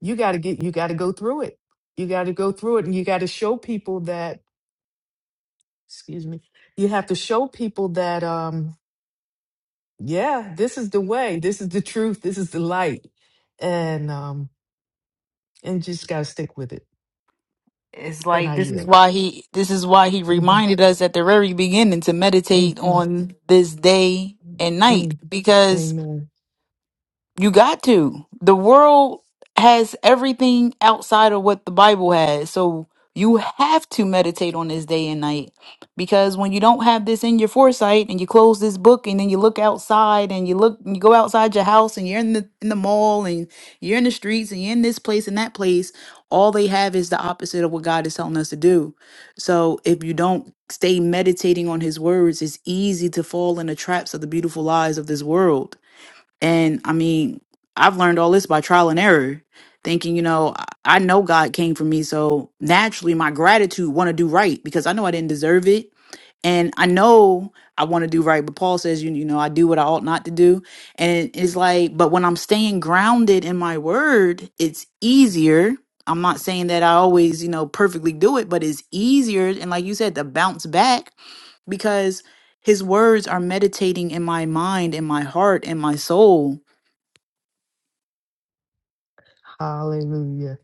Speaker 2: you got to get you got to go through it you got to go through it and you got to show people that excuse me you have to show people that um yeah, this is the way. This is the truth. This is the light. And um and just gotta stick with it.
Speaker 3: It's
Speaker 2: And
Speaker 3: like
Speaker 2: I
Speaker 3: this is
Speaker 2: yield.
Speaker 3: why he this is why he
Speaker 2: hmm
Speaker 3: reminded us at the very beginning to meditate
Speaker 2: hmm
Speaker 3: on this day and
Speaker 2: hmm
Speaker 3: night because.
Speaker 2: Amen.
Speaker 3: You got to. The world has everything outside of what the Bible has. So you have to meditate on this day and night because when you don't have this in your foresight and you close this book and then you look outside and you look you go outside your house and you're in the in the mall and you're in the streets and you're in this place and that place all they have is the opposite of what God is telling us to do. So if you don't stay meditating on his words it's easy to fall in the traps of the beautiful lies of this world and I mean, I've learned all this by trial and error, thinking, you know, I I know God came for me. So naturally, my gratitude want to do right because I know I didn't deserve it. And I know I want to do right. But Paul says, you, you know, I do what I ought not to do. And it's like, but when I'm staying grounded in my word, it's easier. I'm not saying that I always, you know, perfectly do it, but it's easier. And like you said, to bounce back because his words are meditating in my mind, in my heart, in my soul
Speaker 2: Hallelujah.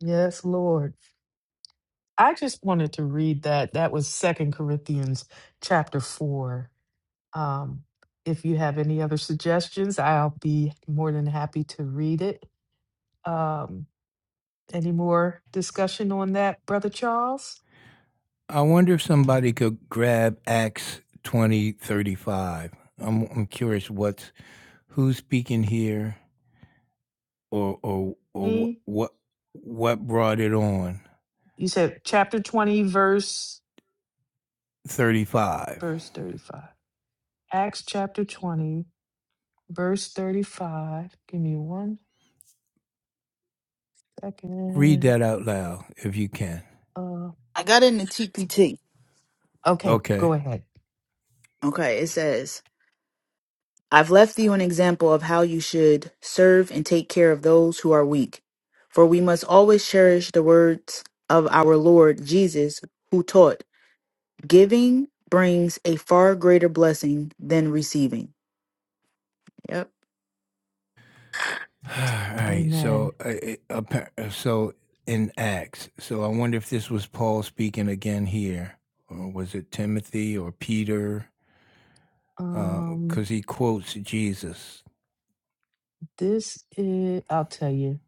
Speaker 2: Yes, Lord. I just wanted to read that. That was Second Corinthians chapter four. Um, if you have any other suggestions, I'll be more than happy to read it. Um, any more discussion on that, Brother Charles?
Speaker 1: I wonder if somebody could grab Acts twenty thirty five. I'm I'm curious what's who's speaking here or or or
Speaker 2: Mm,
Speaker 1: wh- what what brought it on
Speaker 2: You said chapter 20, verse
Speaker 1: thirty five.
Speaker 2: verse 35. Acts chapter 20, verse 35. Give me one
Speaker 1: Read
Speaker 2: second.
Speaker 1: that out loud if you can.
Speaker 2: Uh,
Speaker 3: I got in the TPT.
Speaker 2: okay, go
Speaker 1: Okay.
Speaker 2: ahead.
Speaker 3: Okay, it says, I've left you an example of how you should serve and take care of those who are weak. For we must always cherish the words of our Lord Jesus, who taught, Giving brings a far greater blessing than receiving. Yep.
Speaker 1: [sighs] Alright,
Speaker 2: Amen.
Speaker 1: so, uh, it appa uh, so in Acts, so I wonder if this was Paul speaking again here, or was it Timothy or Peter? because
Speaker 2: Um,
Speaker 1: he quotes Jesus,
Speaker 2: this is, I'll tell you,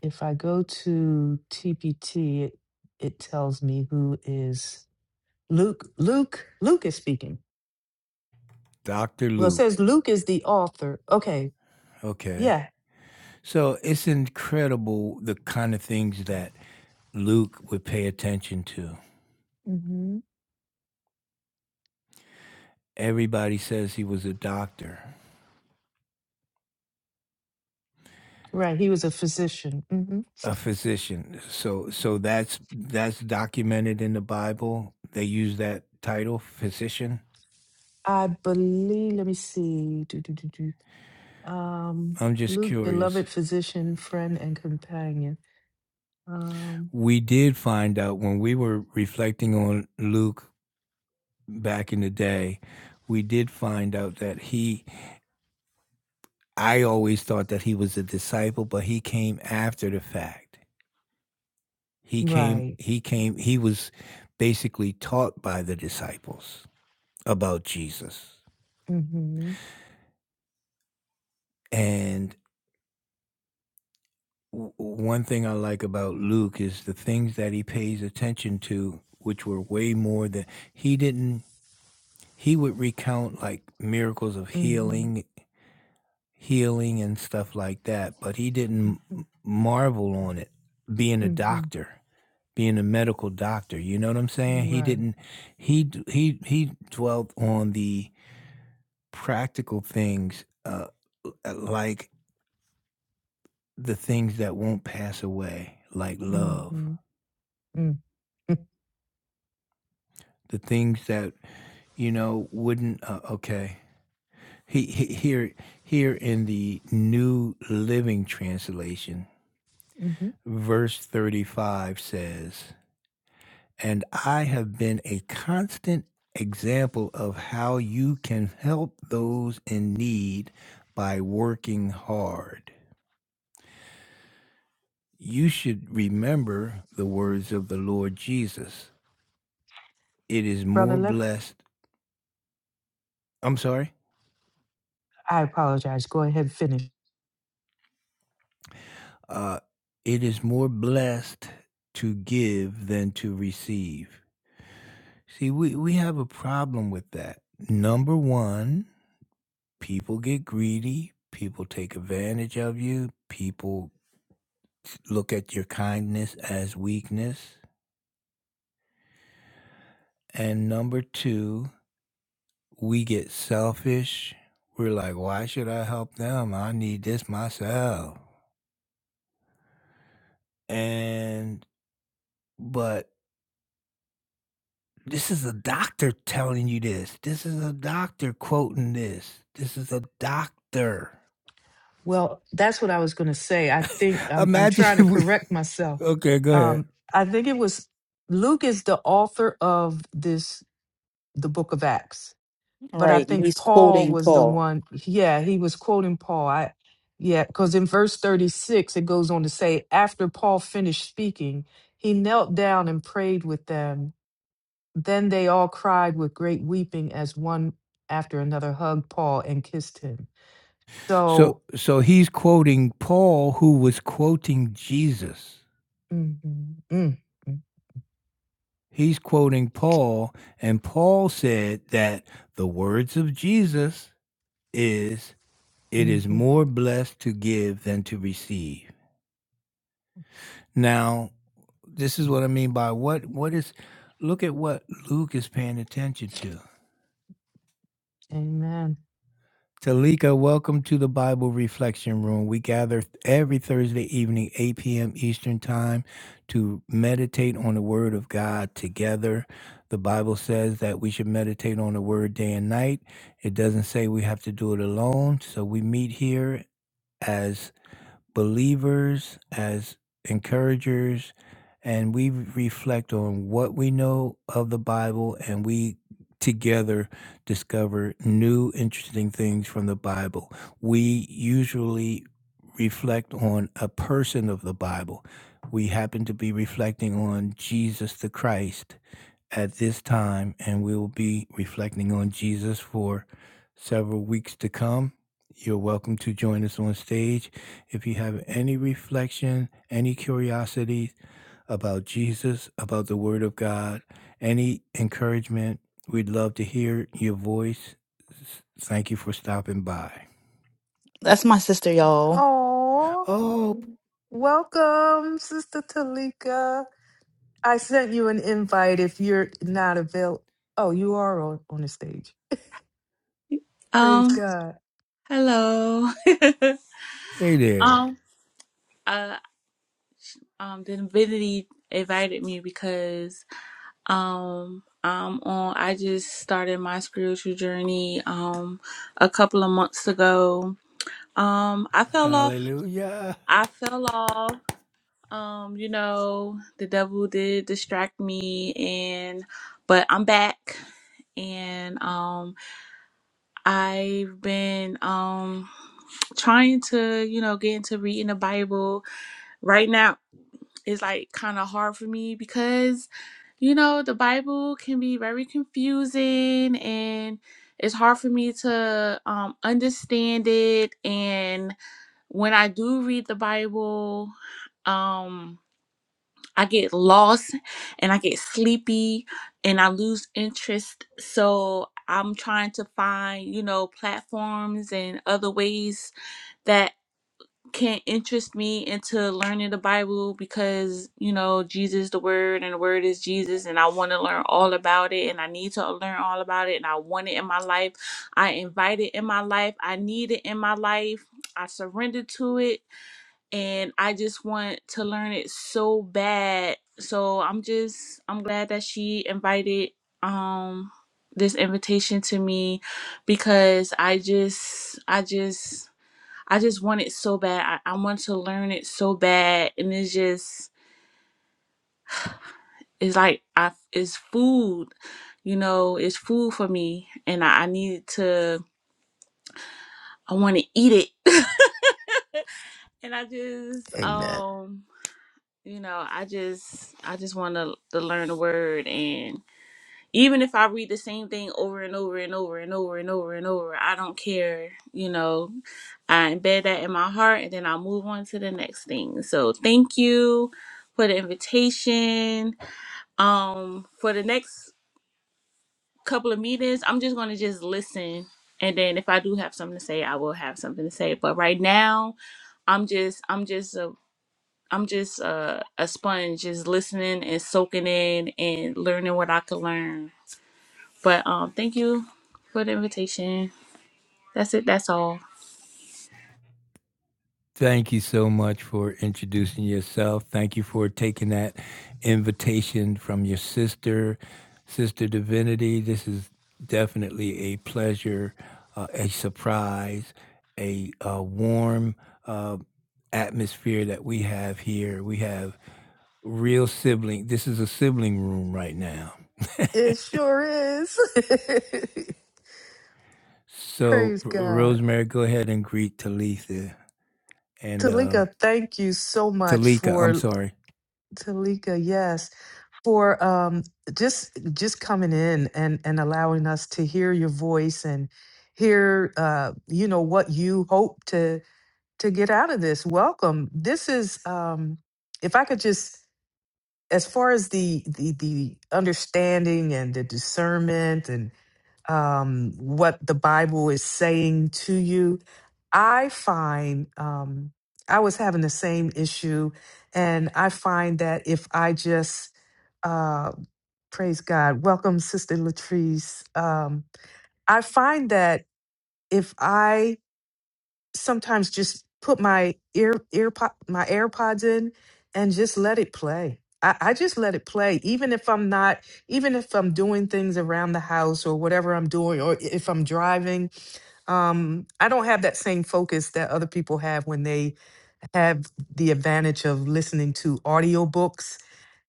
Speaker 2: if I go to TPT, it, it tells me who is Luke. Luke, Luke is speaking.
Speaker 1: Dr.
Speaker 2: Well, it
Speaker 1: Luke.
Speaker 2: says Luke is the author. Okay,
Speaker 1: Okay.
Speaker 2: yeah.
Speaker 1: So it's incredible the kind of things that Luke would pay attention to.
Speaker 2: hmm
Speaker 1: Everybody says he was a doctor,
Speaker 2: Right, he was a physician. hmm
Speaker 1: a physician. So so that's that's documented in the Bible. They use that title, physician?
Speaker 2: I believe, let me see. Um,
Speaker 1: I'm just
Speaker 2: Luke,
Speaker 1: curious.
Speaker 2: beloved physician, friend, and companion. Um,
Speaker 1: We did find out when we were reflecting on Luke back in the day, we did find out that he, I always thought that he was a disciple, but he came after the fact. He came,
Speaker 2: right.
Speaker 1: he came, he was basically taught by the disciples about Jesus.
Speaker 2: Mm-hmm.
Speaker 1: And w- one thing I like about Luke is the things that he pays attention to, which were way more than he didn't he would recount like miracles of
Speaker 2: Mm-hmm.
Speaker 1: healing healing and stuff like that but he didn't
Speaker 2: Mm-hmm.
Speaker 1: m- marvel on it being a
Speaker 2: Mm-hmm.
Speaker 1: doctor being a medical doctor you know what i'm saying he
Speaker 2: Right.
Speaker 1: didn't he d- he he dwelt on the practical things uh uh, like the things that won't pass away like love
Speaker 2: Mm-hmm. Mm-hmm.
Speaker 1: the things that you know wouldn't uh, okay he, he here here in the new living translation
Speaker 2: Mm-hmm.
Speaker 1: verse 35 says, And I have been a constant example of how you can help those in need by working hard. You should remember the words of the Lord Jesus. It is
Speaker 2: Brother,
Speaker 1: more
Speaker 2: let
Speaker 1: blessed, I'm sorry,
Speaker 2: I apologize. Go ahead, finish.
Speaker 1: uh, it is more blessed to give than to receive. See, we, we have a problem with that. Number one, people get greedy, people take advantage of you, people look at your kindness as weakness. And number two, we get selfish. We're like, why should I help them? I need this myself. And, but this is a doctor telling you this. This is a doctor quoting this. This is a doctor.
Speaker 2: Well, that's what I was going to say. I think I'm I'm
Speaker 1: Imagine [laughs]
Speaker 2: trying
Speaker 1: if
Speaker 2: to
Speaker 1: we,
Speaker 2: correct myself.
Speaker 1: okay, go ahead.
Speaker 2: Um, I think it was Luke is the author of this, the Book of Acts
Speaker 3: All
Speaker 2: but I
Speaker 3: right. and
Speaker 2: think
Speaker 3: He's
Speaker 2: Paul
Speaker 3: quoting
Speaker 2: was the
Speaker 3: Paul.
Speaker 2: one. Yeah, he was quoting Paul. I yeah, because in verse 36 it goes on to say, after Paul finished speaking, he knelt down and prayed with them. Then they all cried with great weeping as one after another hugged Paul and kissed him.
Speaker 1: So
Speaker 2: So,
Speaker 1: so he's quoting Paul who was quoting Jesus.
Speaker 2: mhm, mm mm,
Speaker 1: He's quoting Paul and Paul said that the words of Jesus is it is
Speaker 2: mhm.
Speaker 1: more blessed to give than to receive. Now, this is what I mean by what what is look at what Luke is paying attention to.
Speaker 2: amen.
Speaker 1: Talika, welcome to the Bible Reflection Room. We gather every Thursday evening, 8 p.m. Eastern Time, to meditate on the Word of God together. The Bible says that we should meditate on the Word day and night. It doesn't say we have to do it alone. So we meet here as believers, as encouragers, and we reflect on what we know of the Bible and we together discover new interesting things from the Bible. We usually reflect on a person of the Bible. We happen to be reflecting on Jesus the Christ at this time, and we will be reflecting on Jesus for several weeks to come. You're welcome to join us on stage. If you have any reflection, any curiosity about Jesus, about the Word of God, any encouragement, we'd love to hear your voice. Thank you for stopping by.
Speaker 3: That's my sister, y'all.
Speaker 2: Oh,
Speaker 1: Oh,
Speaker 2: welcome, Sister Talika. I sent you an invite if you're not available. Oh, you are on, on the stage. Praise
Speaker 4: Um,
Speaker 2: God.
Speaker 4: hello. [laughs]
Speaker 1: hey there.
Speaker 4: um, uh, um, Divinity invited me because um I'm on. I just started my spiritual journey um a couple of months ago. Um, I fell off.
Speaker 1: Hallelujah.
Speaker 4: I fell off. Um, you know, the devil did distract me, and but I'm back, and um, I've been um trying to you know get into reading the Bible right now is like kind of hard for me because you know the bible can be very confusing and it's hard for me to um, understand it and when i do read the bible um i get lost and i get sleepy and i lose interest so i'm trying to find you know platforms and other ways that can not interest me into learning the Bible because you know Jesus is the word and the word is Jesus and I want to learn all about it and I need to learn all about it and I want it in my life. I invite it in my life. I need it in my life. I surrender to it and I just want to learn it so bad. So I'm just I'm glad that she invited um this invitation to me because I just I just I just want it so bad. I, I want to learn it so bad. And it's just, it's like, I, it's food, you know, it's food for me. And I, I need to, I want to eat it. [laughs] And I just,
Speaker 2: Amen.
Speaker 4: um, you know, I just, I just want to, to learn the word. and. even if I read the same thing over and over and over and over and over and over, I don't care. You know, I embed that in my heart and then I'll move on to the next thing. So thank you for the invitation. Um, for the next couple of meetings, I'm just gonna just listen. And then if I do have something to say, I will have something to say. But right now, I'm just I'm just a I'm just a, a sponge, just listening and soaking in and learning what I could learn. But um, thank you for the invitation. That's it. That's all.
Speaker 1: Thank you so much for introducing yourself. Thank you for taking that invitation from your sister, Sister Divinity. This is definitely a pleasure, uh, a surprise, a, uh warm uh, atmosphere that we have here. We have real sibling. This is a sibling room right now.
Speaker 2: It sure is. [laughs]
Speaker 1: So,
Speaker 2: Praise
Speaker 1: R-
Speaker 2: God.
Speaker 1: Rosemary, go ahead and greet Talitha and um,
Speaker 2: Talika, thank you so much
Speaker 1: Talika. I'm
Speaker 2: for
Speaker 1: sorry.
Speaker 2: Talika, yes, for um just just coming in and and allowing us to hear your voice and hear uh you know what you hope to to get out of this. Welcome. This is um if I could just as far as the the the understanding and the discernment and um, what the Bible is saying to you, I find um, I was having the same issue, and I find that if I just uh, praise God, welcome Sister Latrice. Um, I find that if I sometimes just put my ear ear po- my AirPods in and just let it play. I, I just let it play, even if I'm not, even if I'm doing things around the house or whatever I'm doing, or if I'm driving. Um, I don't have that same focus that other people have when they have the advantage of listening to audiobooks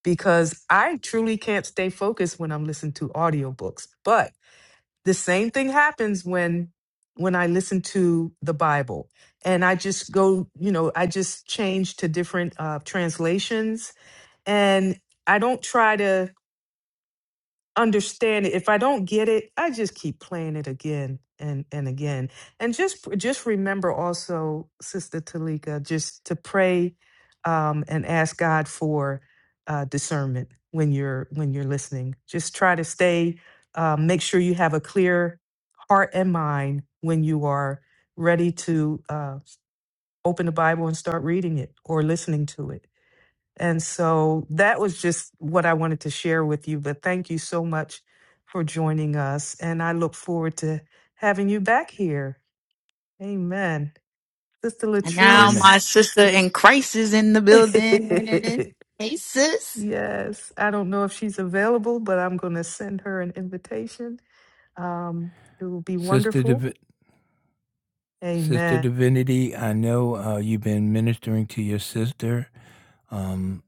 Speaker 2: because I truly can't stay focused when I'm listening to audiobooks. But the same thing happens when when i listen to the bible and i just go you know i just change to different uh translations and i don't try to understand it if i don't get it i just keep playing it again and and again and just just remember also sister talika just to pray um and ask god for uh discernment when you're when you're listening just try to stay um, make sure you have a clear heart and mind when you are ready to uh open the bible and start reading it or listening to it and so that was just what I wanted to share with you. But thank you so much for joining us. And I look forward to having you back here. Amen. Sister
Speaker 3: And now
Speaker 1: Amen.
Speaker 3: my
Speaker 2: Latrice.
Speaker 3: sister in Christ is in the
Speaker 2: [laughs] yes.
Speaker 3: building. Hey, sis.
Speaker 2: I don't know if she's available, but I'm going to send her an invitation. Um, it will be
Speaker 1: Sister
Speaker 2: wonderful.
Speaker 1: Divinity. Sister
Speaker 2: Amen.
Speaker 1: Divinity, I know uh, you've been ministering to your sister, um,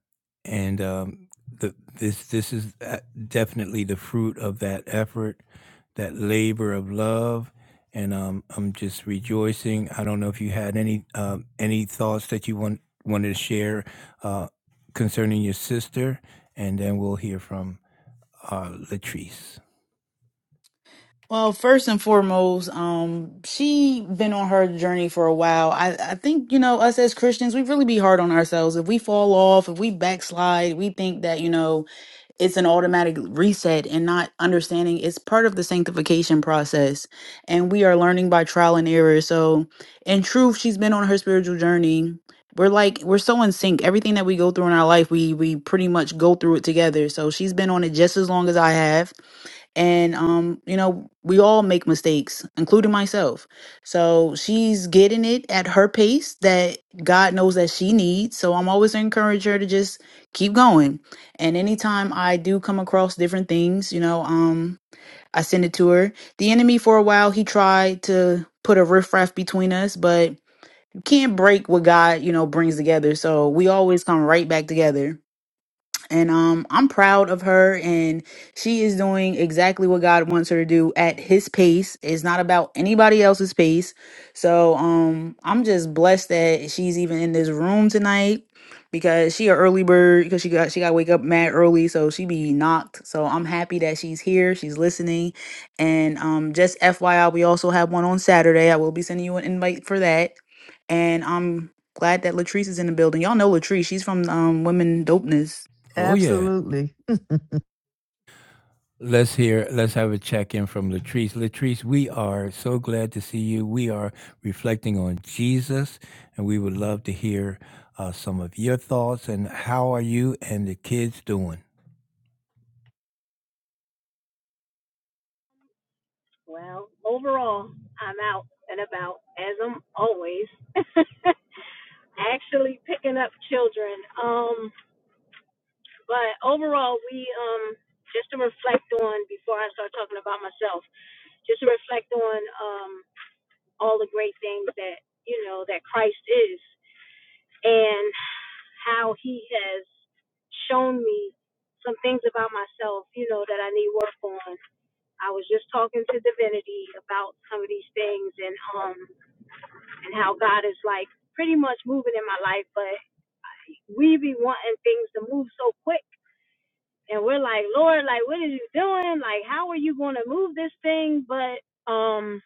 Speaker 1: and um, the, this this is uh, definitely the fruit of that effort, that labor of love, and um, I'm just rejoicing. I don't know if you had any um any thoughts that you want wanted to share uh, concerning your sister, and then we'll hear from uh, Latrice.
Speaker 3: Well, first and foremost, um, she been on her journey for a while. I, I think, you know, us as Christians, we really be hard on ourselves. If we fall off, if we backslide, we think that, you know, it's an automatic reset and not understanding it's part of the sanctification process and we are learning by trial and error so in truth she's been on her spiritual journey we're like we're so in sync everything that we go through in our life we we pretty much go through it together so she's been on it just as long as i have and um you know we all make mistakes including myself so she's getting it at her pace that god knows that she needs so i'm always encourage her to just keep going and anytime i do come across different things you know um i send it to her the enemy for a while he tried to put a riffraff between us but you can't break what god you know brings together so we always come right back together and um I'm proud of her and she is doing exactly what God wants her to do at his pace. It's not about anybody else's pace. So um I'm just blessed that she's even in this room tonight because she a early bird because she got she got to wake up mad early so she be knocked. So I'm happy that she's here, she's listening. And um just FYI we also have one on Saturday. I will be sending you an invite for that. And I'm glad that Latrice is in the building. Y'all know Latrice, she's from um Women Dopeness
Speaker 1: Oh yeah.
Speaker 2: Absolutely.
Speaker 1: Let's hear, let's have a check in from Latrice. Latrice, we are so glad to see you. We are reflecting on Jesus, and we would love to hear uh, some of your thoughts and how are you and the kids doing?
Speaker 5: Well, overall, I'm out and about as I'm always. [laughs] Actually picking up children. Um, but overall, we um just to reflect on before I start talking about myself, just to reflect on um all the great things that you know that Christ is and how He has shown me some things about myself, you know, that I need work on. I was just talking to Divinity about some of these things and um and how God is like pretty much moving in my life, but we be wanting things to move so quick. And we're like, Lord, like, what are you doing? Like, how are you going to move this thing? But, um,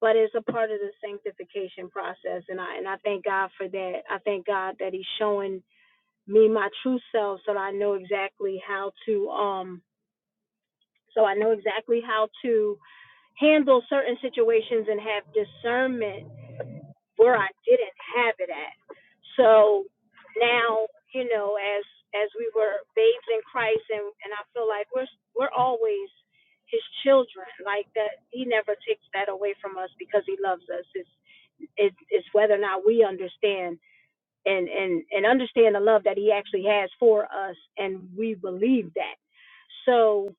Speaker 5: but it's a part of the sanctification process. And I, and I thank God for that. I thank God that he's showing me my true self so that I know exactly how to, um, so I know exactly how to handle certain situations and have discernment where I didn't have it at. So now, you know, as as we were babes in Christ, and and I feel like we're we're always His children, like that. He never takes that away from us because He loves us. It's it's, it's whether or not we understand and and and understand the love that He actually has for us, and we believe that. So,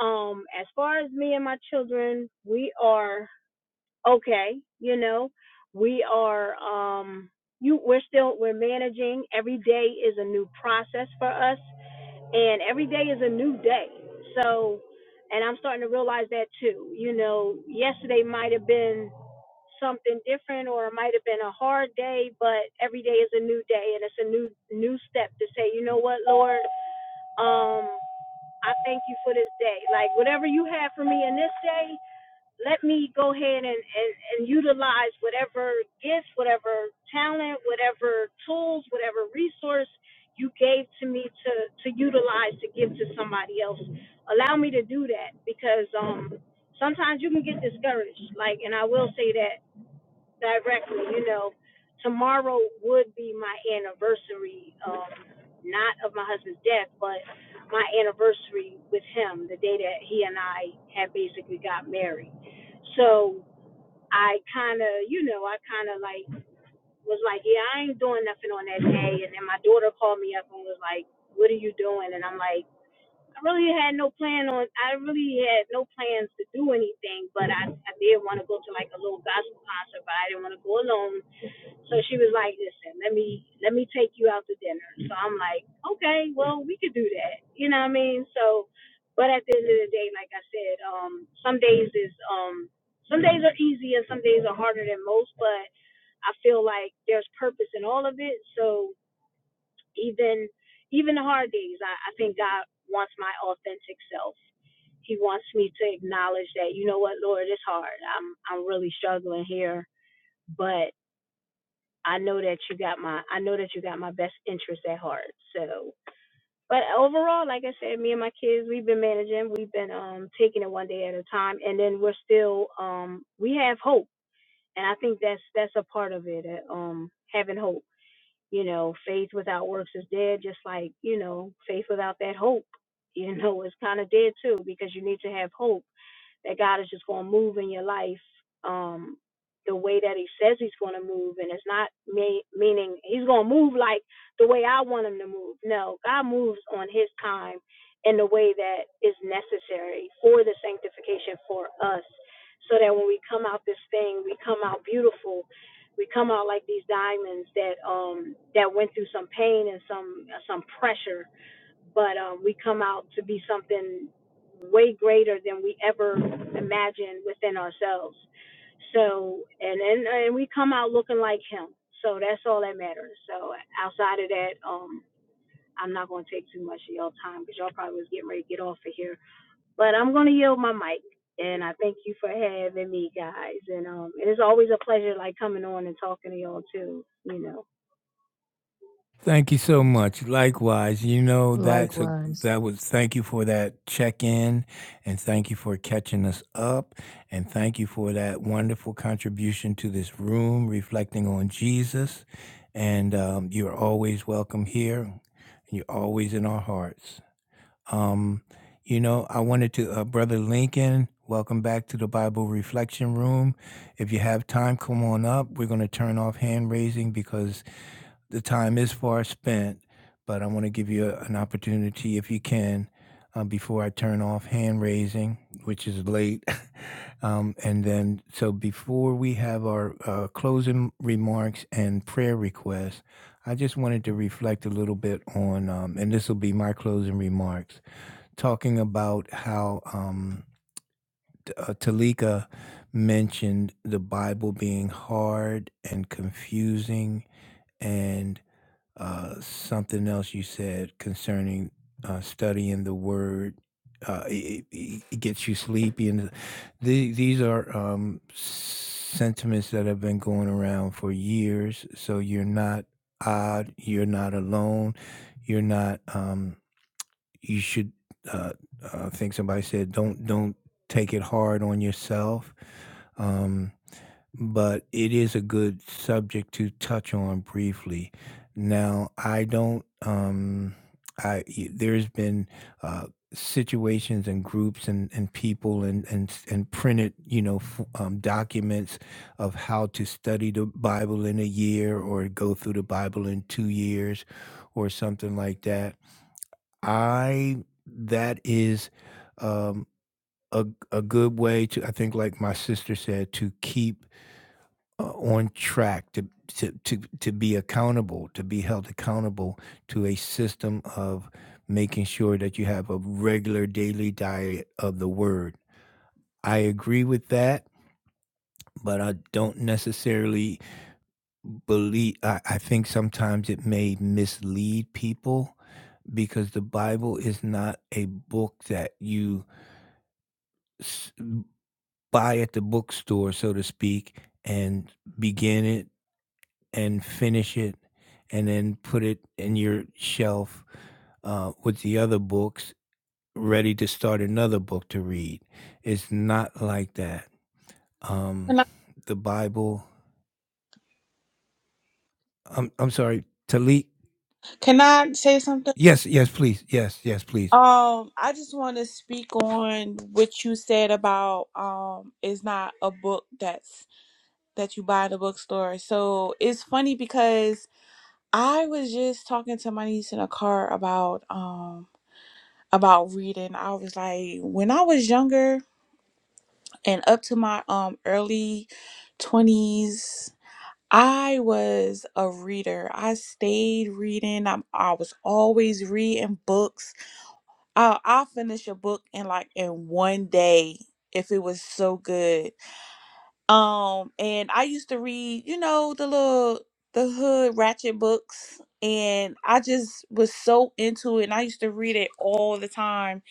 Speaker 5: um, as far as me and my children, we are okay you know we are um you we're still we're managing every day is a new process for us and every day is a new day so and i'm starting to realize that too you know yesterday might have been something different or it might have been a hard day but every day is a new day and it's a new new step to say you know what lord um i thank you for this day like whatever you have for me in this day let me go ahead and, and, and utilize whatever gifts, whatever talent, whatever tools, whatever resource you gave to me to, to utilize to give to somebody else. Allow me to do that because um sometimes you can get discouraged. Like and I will say that directly. You know, tomorrow would be my anniversary, um, not of my husband's death, but my anniversary with him, the day that he and I had basically got married. So I kind of, you know, I kind of like was like, yeah, I ain't doing nothing on that day. And then my daughter called me up and was like, what are you doing? And I'm like, I really had no plan on, I really had no plans to do anything, but I, I did want to go to like a little gospel concert, but I didn't want to go alone so she was like, "Listen, let me let me take you out to dinner." So I'm like, "Okay, well, we could do that." You know what I mean? So, but at the end of the day, like I said, um, some days is um, some days are easy and some days are harder than most. But I feel like there's purpose in all of it. So even even the hard days, I, I think God wants my authentic self. He wants me to acknowledge that, you know what, Lord, it's hard. I'm I'm really struggling here, but I know that you got my I know that you got my best interest at heart. So but overall, like I said, me and my kids, we've been managing, we've been um taking it one day at a time and then we're still um we have hope. And I think that's that's a part of it, uh, um having hope. You know, faith without works is dead, just like, you know, faith without that hope, [laughs] you know, is kind of dead too because you need to have hope that God is just going to move in your life um, the way that He says He's going to move. And it's not me- meaning He's going to move like the way I want Him to move. No, God moves on His time in the way that is necessary for the sanctification for us. So that when we come out this thing, we come out beautiful. We come out like these diamonds that um that went through some pain and some some pressure but um, we come out to be something way greater than we ever imagined within ourselves. So, and and and we come out looking like him. So that's all that matters. So outside of that, um, I'm not going to take too much of y'all time because y'all probably was getting ready to get off of here. But I'm going to yield my mic, and I thank you for having me, guys. And um, it is always a pleasure like coming on and talking to y'all too. You know.
Speaker 1: Thank you so much. Likewise, you know that's a
Speaker 2: Likewise.
Speaker 1: that was thank you for that check-in and thank you for catching us up and thank you for that wonderful contribution to this room reflecting on Jesus. And um, you're always welcome here. And you're always in our hearts. You know, I wanted to uh, brother Lincoln, welcome back to the Bible Reflection Room. If you have time, come on up. We're going to turn off hand raising because the time is far spent, but I want to give you a- an opportunity, if you can, uh, before I turn off hand raising, which is late. [laughs] um, and then, so before we have our uh, closing remarks and prayer requests, I just wanted to reflect a little bit on, um, and this will be my closing remarks, talking about how um, uh, Talika mentioned the Bible being hard and confusing and uh, something else you said concerning uh, studying the word. Uh, it, it it gets you sleepy, and the, these are um, sentiments that have been going around for years. So you're not odd. You're not alone. You're not. Um, you should uh, uh, I think somebody said don't don't take it hard on yourself. Um, but it is a good subject to touch on briefly. Now, I don't. Um, I y- there's been uh, situations and groups and, and people and and s- and printed you know f- um, documents of how to study the Bible in a year or go through the Bible in two years or something like that I that is, um, a a good way to I think like my sister said, to keep, uh, on track, to to to to be accountable, to be held accountable to a system of making sure that you have a regular daily diet of the Word. I agree with that, but I don't necessarily believe. I I think sometimes it may mislead people because the Bible is not a book that you s buy at the bookstore, so to speak, and begin it and finish it, and then put it in your shelf uh, with the other books, ready to start another book to read. It's not like that. Um,
Speaker 4: Can I,
Speaker 1: the Bible. I'm I'm sorry, Talik.
Speaker 4: can I say something?
Speaker 1: Yes, yes, please. Yes, yes, please.
Speaker 4: Um, I just want to speak on what you said about um, it's not a book that's that you buy in a bookstore. So it's funny because I was just talking to my niece in a car about um about reading. I was like, when I was younger and up to my um early twenties, I was a reader. I stayed reading. I, I was always reading books. I, I'll finish a book in like in one day if it was so good. Um, and I used to read, you know, the little the hood ratchet books, and I just was so into it. And I used to read it all the time.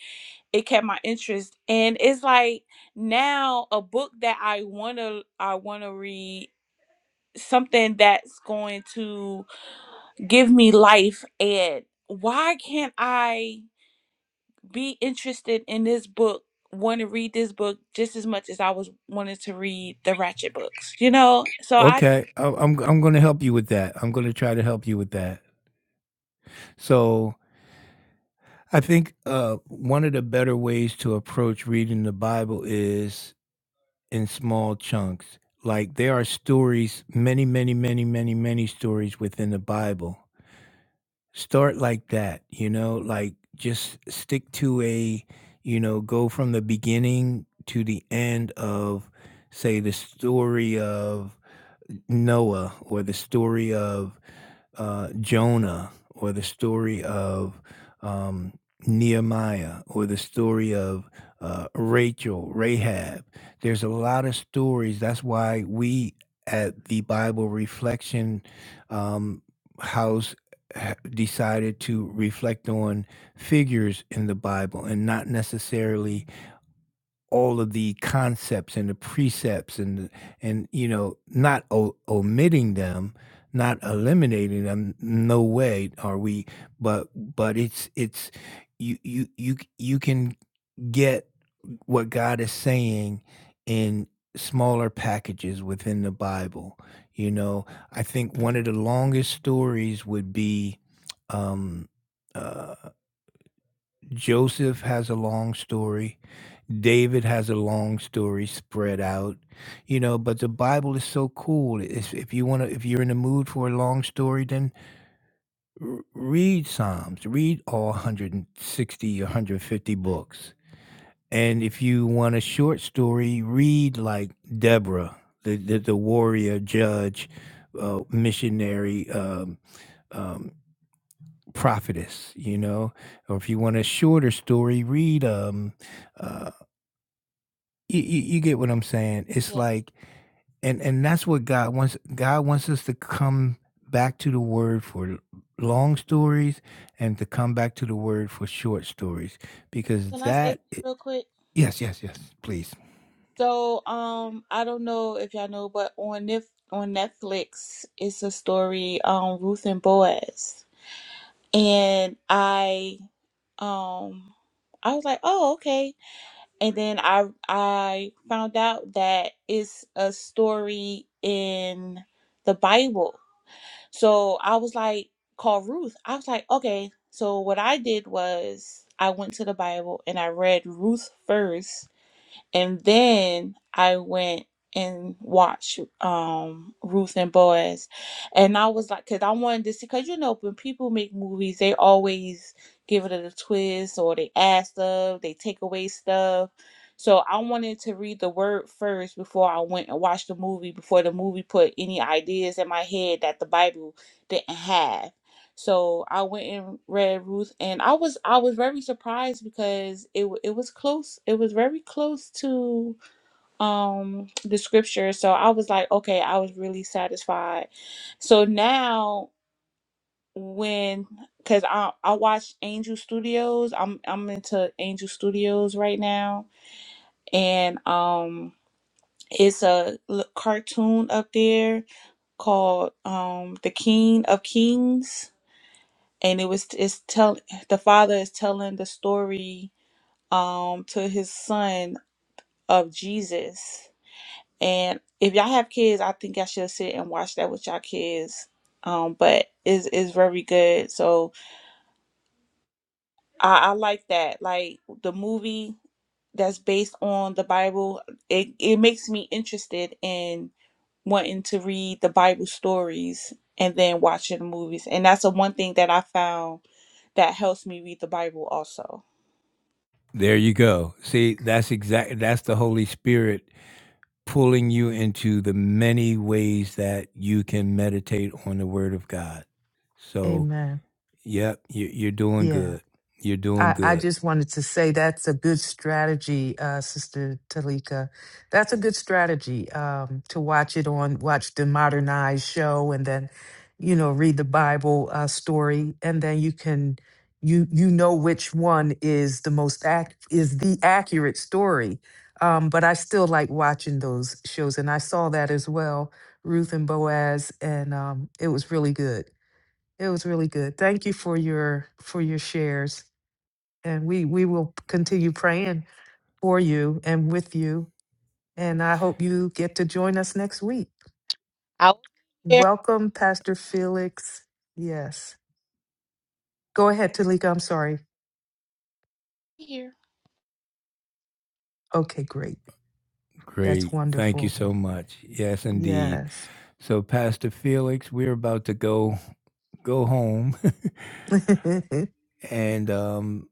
Speaker 4: It kept my interest, and it's like now a book that I wanna I wanna read something that's going to give me life and why can't i be interested in this book want to read this book just as much as i was wanting to read the ratchet books you know so i
Speaker 1: Okay, I- I'm I'm going to help you with that. I'm going to try to help you with that. So I think uh, one of the better ways to approach reading the Bible is in small chunks. Like there are stories, many, many, many, many, many stories within the Bible. Start like that, you know, like just stick to a, you know, go from the beginning to the end of, say, the story of Noah or the story of uh, Jonah or the story of um, Nehemiah or the story of uh, Rachel, Rahab. There's a lot of stories. That's why we at the Bible Reflection um, House ha- decided to reflect on figures in the Bible and not necessarily all of the concepts and the precepts and the- and you know not o- omitting them not eliminating them no way are we but but it's it's you you you c- you can get what God is saying in smaller packages within the Bible you know I think one of the longest stories would be um Joseph has a long story. David has a long story spread out, you know, but the Bible is so cool. It's, if you want to, if you're in the mood for a long story, then r- read Psalms, read all 160 or 150 books. And if you want a short story, read like Deborah, the, the, the warrior, judge, uh, missionary, um, um, prophetess you know or if you want a shorter story read um uh you, you, you get what i'm saying it's
Speaker 4: yeah.
Speaker 1: like and and that's what god wants god wants us to come back to the word for l- long stories and to come back to the word for short stories
Speaker 4: can
Speaker 1: because
Speaker 4: i say something
Speaker 1: that i-
Speaker 4: real quick
Speaker 1: yes yes yes please
Speaker 4: so um i don't know if y'all know but on Nif- on netflix it's a story um ruth and boaz and i um i was like oh okay and then I I found out that it's a story in the Bible. So I was like, call Ruth. I was like, okay. So what I did was I went to the Bible and I read Ruth first and then I went and watched um, Ruth and Boaz. And I was like, because I wanted to see, because you know, when people make movies, they always give it a twist or they add stuff, they take away stuff. So I wanted to read the word first before I went and watched the movie, before the movie put any ideas in my head that the Bible didn't have. So I went and read Ruth, and I was I was very surprised because it wa- it was close. It was very close to um the scripture. So I was like, okay, I was really satisfied. So now when because I I watch Angel Studios. I'm I'm into Angel Studios right now, and um it's a l- cartoon up there called um The King of Kings and it was it's tell the father is telling the story um to his son of Jesus. And if y'all have kids, I think y'all should sit and watch that with y'all kids. Um, but is is very good. So I, I like that. Like the movie that's based on the Bible, it, it makes me interested in wanting to read the Bible stories and then watching the movies. And that's the one thing that I found that helps me read the Bible also.
Speaker 1: there you go see that's exactly that's the holy spirit pulling you into the many ways that you can meditate on the word of god so
Speaker 2: Amen.
Speaker 1: Yep, you you're doing
Speaker 2: Yeah.
Speaker 1: good. You're doing
Speaker 2: I, I
Speaker 1: good.
Speaker 2: just wanted to say that's a good strategy, uh, Sister Talika. That's a good strategy um, to watch it on, watch the modernized show, and then, you know, read the Bible uh, story, and then you can, you you know which one is the most act is the accurate story. Um, but I still like watching those shows, and I saw that as well, Ruth and Boaz, and um, it was really good. It was really good. Thank you for your for your shares and we we will continue praying for you and with you and i hope you get to join us next week welcome pastor felix yes go ahead talika i'm sorry okay great that's
Speaker 1: Great. Thank you
Speaker 2: wonderful
Speaker 1: so much. Yes, indeed.
Speaker 2: yes
Speaker 1: So, Pastor Felix, we're about to go go home,
Speaker 2: [laughs]
Speaker 1: [laughs] and um,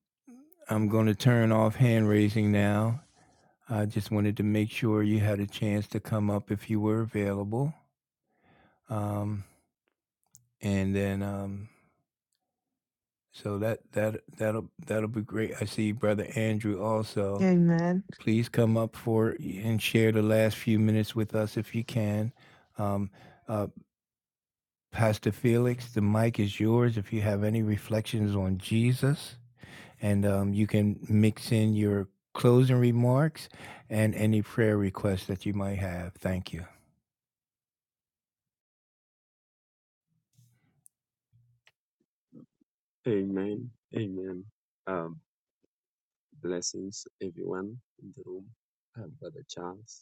Speaker 1: I'm going to turn off hand raising now. I just wanted to make sure you had a chance to come up if you were available, um, and then um, so that that that'll that'll be great. I see Brother Andrew also.
Speaker 2: amen
Speaker 1: please come up for and share the last few minutes with us if you can. Um, uh, Pastor Felix, the mic is yours. If you have any reflections on Jesus, and um, you can mix in your closing remarks and any prayer requests that you might have. Thank you.
Speaker 6: Amen. Amen. Um, blessings, everyone in the room, um, Brother Charles,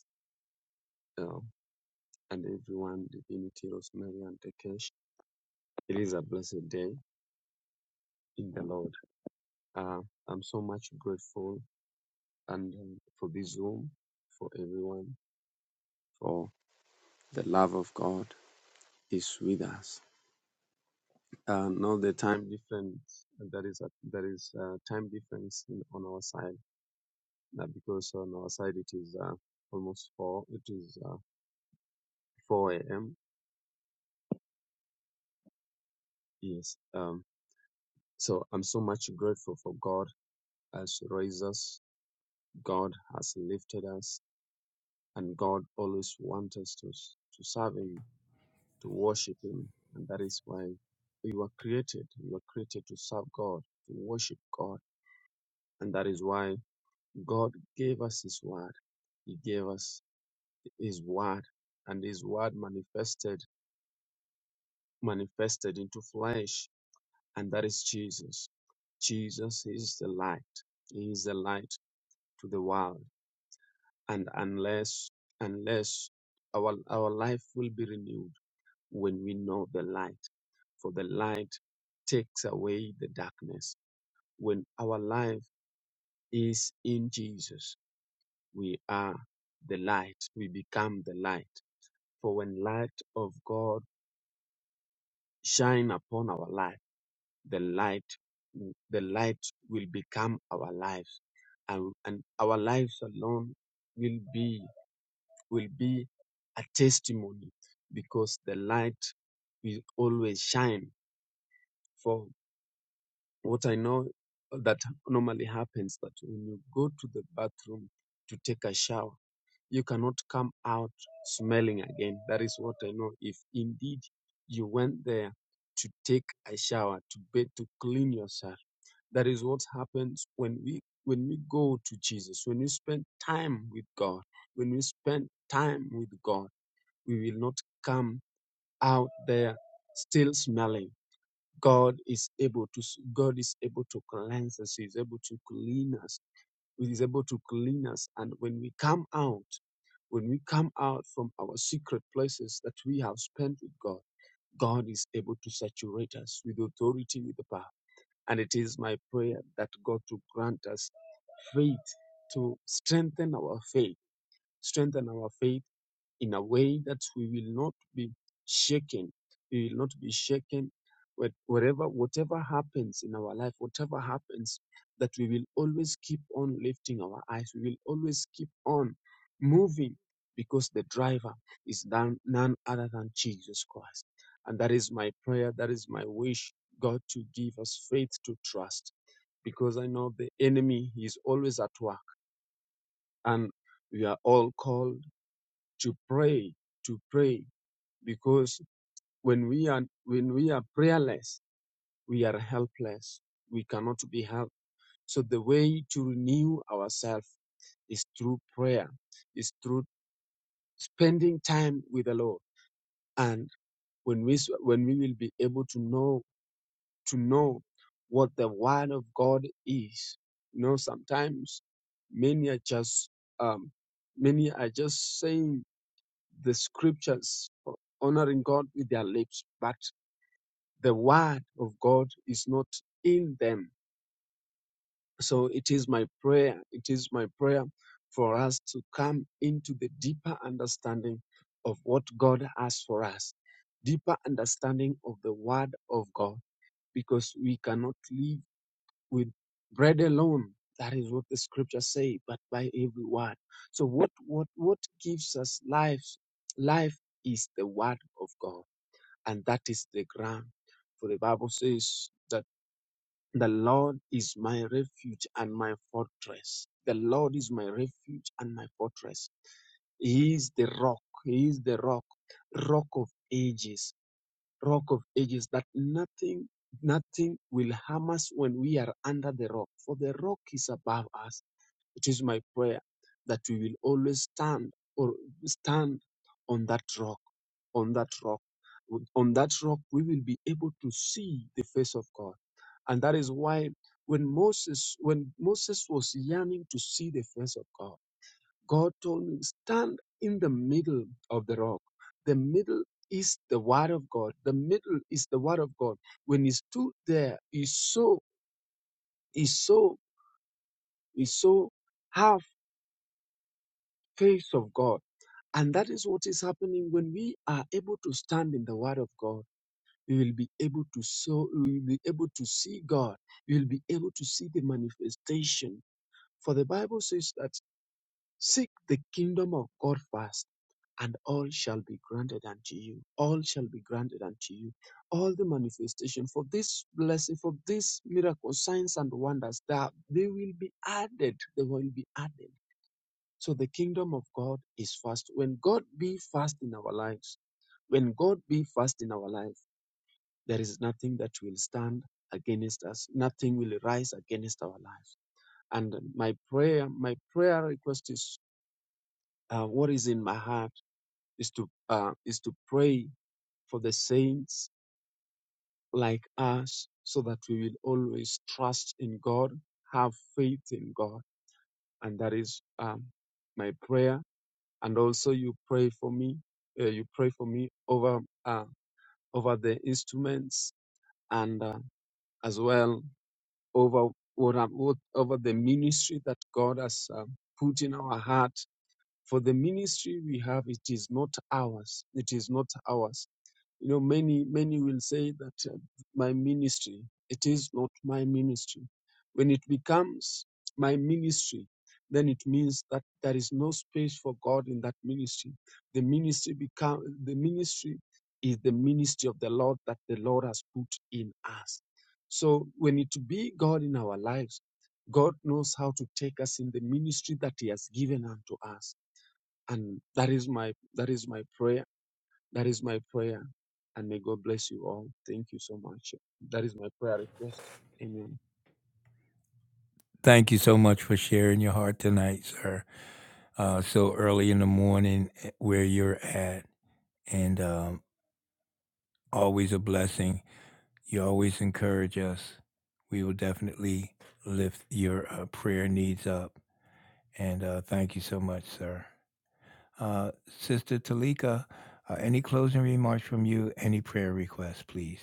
Speaker 6: um, and everyone, Divinity, Rosemary, and Takesh. It is a blessed day in the Lord. Uh, I'm so much grateful and um, for this room, for everyone, for the love of God is with us. Uh, now the time difference, there is a there is a time difference in, on our side, uh, because on our side it is uh, almost four. It is. uh. 4 a.m. Yes. Um, so I'm so much grateful for God has raised us. God has lifted us, and God always wants us to to serve Him, to worship Him, and that is why we were created. We were created to serve God, to worship God, and that is why God gave us His Word. He gave us His Word, and His Word manifested manifested into flesh and that is Jesus. Jesus is the light. He is the light to the world. And unless, unless our, our life will be renewed when we know the light, for the light takes away the darkness. When our life is in Jesus, we are the light. We become the light. For when light of God shine upon our life, the light the light will become our lives and, and our lives alone will be will be a testimony because the light will always shine for what i know that normally happens that when you go to the bathroom to take a shower you cannot come out smelling again that is what i know if indeed you went there to take a shower to bathe to clean yourself that is what happens when we when we go to Jesus, when we spend time with God, when we spend time with God, we will not come out there still smelling. God is able to God is able to cleanse us, He is able to clean us, He is able to clean us. And when we come out, when we come out from our secret places that we have spent with God, God is able to saturate us with authority, with the power. And it is my prayer that God to grant us faith, to strengthen our faith, strengthen our faith in a way that we will not be shaken. We will not be shaken where- wherever, whatever happens in our life, whatever happens, that we will always keep on lifting our eyes. We will always keep on moving because the driver is none, none other than Jesus Christ. And that is my prayer. That is my wish, God, to give us faith to trust because I know the enemy is always at work and we are all called to pray, to pray because when we are when we are prayerless we are helpless we cannot be helped so the way to renew ourselves is through prayer is through spending time with the lord and when we s- when we will be able to know to know what the word of god is you know sometimes many are just um many are just saying the scriptures honoring god with their lips but the word of God is not in them. So it is my prayer, it is my prayer for us to come into the deeper understanding of what God has for us, deeper understanding of the word of God, because we cannot live with bread alone. That is what the scripture say, but by every word. So what what what gives us life? Life is the word of God, and that is the ground. For the Bible says that The Lord is my refuge and my fortress. The Lord is my refuge and my fortress. He is the rock. He is the rock, rock of ages, rock of ages that nothing, nothing will harm us when we are under the rock. For the rock is above us. It is my prayer that we will always stand or stand on that rock, on that rock. On that rock, we will be able to see the face of God. And that is why when Moses, when Moses was yearning to see the face of God, God told him, stand in the middle of the rock. The middle is the word of God. The middle is the word of God. When he stood there, he saw, he saw, he saw how face of God. And that is what is happening when we are able to stand in the Word of God. We will be able to so we will be able to see God. We will be able to see the manifestation. For the Bible says that seek the kingdom of God first, and all shall be granted unto you. All shall be granted unto you. All the manifestation for this blessing, for this miracle, signs and wonders, that they will be added. They will be added. So the kingdom of God is fast. When God be fast in our lives, when God be fast in our life, there is nothing that will stand against us. Nothing will rise against our lives. And my prayer, my prayer request is, uh, what is in my heart is to uh, is to pray for the saints like us, so that we will always trust in God, have faith in God, and that is um, my prayer and also you pray for me. Uh, you pray for me over uh, over the instruments and uh, as well over what, I'm- what over the ministry that God has uh, put in our heart. For the ministry we have, it is not ours. It is not ours you know, many, many will say that uh, my ministry, it is not my ministry. When it becomes my ministry, then it means that there is no space for God in that ministry. The ministry become the ministry is the ministry of the Lord that the Lord has put in us. So when it be God in our lives, God knows how to take us in the ministry that He has given unto us. And that is my that is my prayer that is my prayer. And may God bless you all. Thank you so much. That is my prayer request. Amen.
Speaker 1: Thank you so much for sharing your heart tonight, sir. Uh, so early in the morning, eh, where you're at, and um, always a blessing You always encourage us. We will definitely lift your uh, prayer needs up. And uh, thank you so much, sir. Uh, Sister Talika, uh, any closing remarks from you? Any prayer requests, please?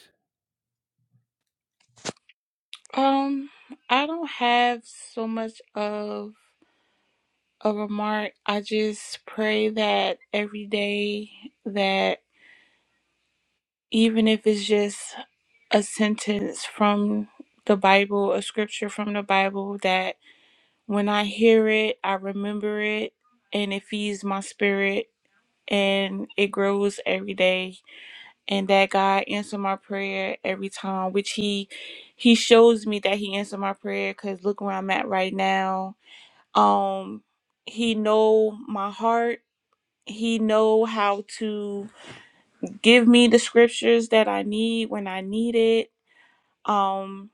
Speaker 4: Um, I don't have so much of a remark. I just pray that every day that even if it's just a sentence from the Bible, a scripture from the Bible, that when I hear it, I remember it and it feeds my spirit and it grows every day and that God answer my prayer every time, which he he shows me that he answered my prayer because look where I'm at right now um he know my heart he know how to give me the scriptures that i need when i need it um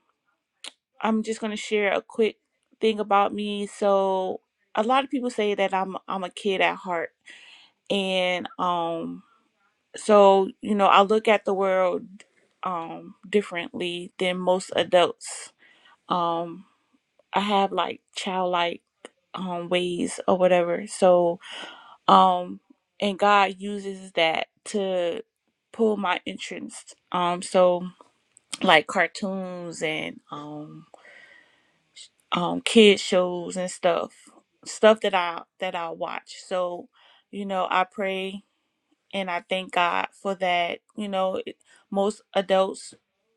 Speaker 4: i'm just going to share a quick thing about me so a lot of people say that i'm i'm a kid at heart and um so you know i look at the world um differently than most adults um i have like childlike um ways or whatever so um and god uses that to pull my interest um so like cartoons and um um kid shows and stuff stuff that i that i watch so you know i pray and I thank God for that. You know, it- most adults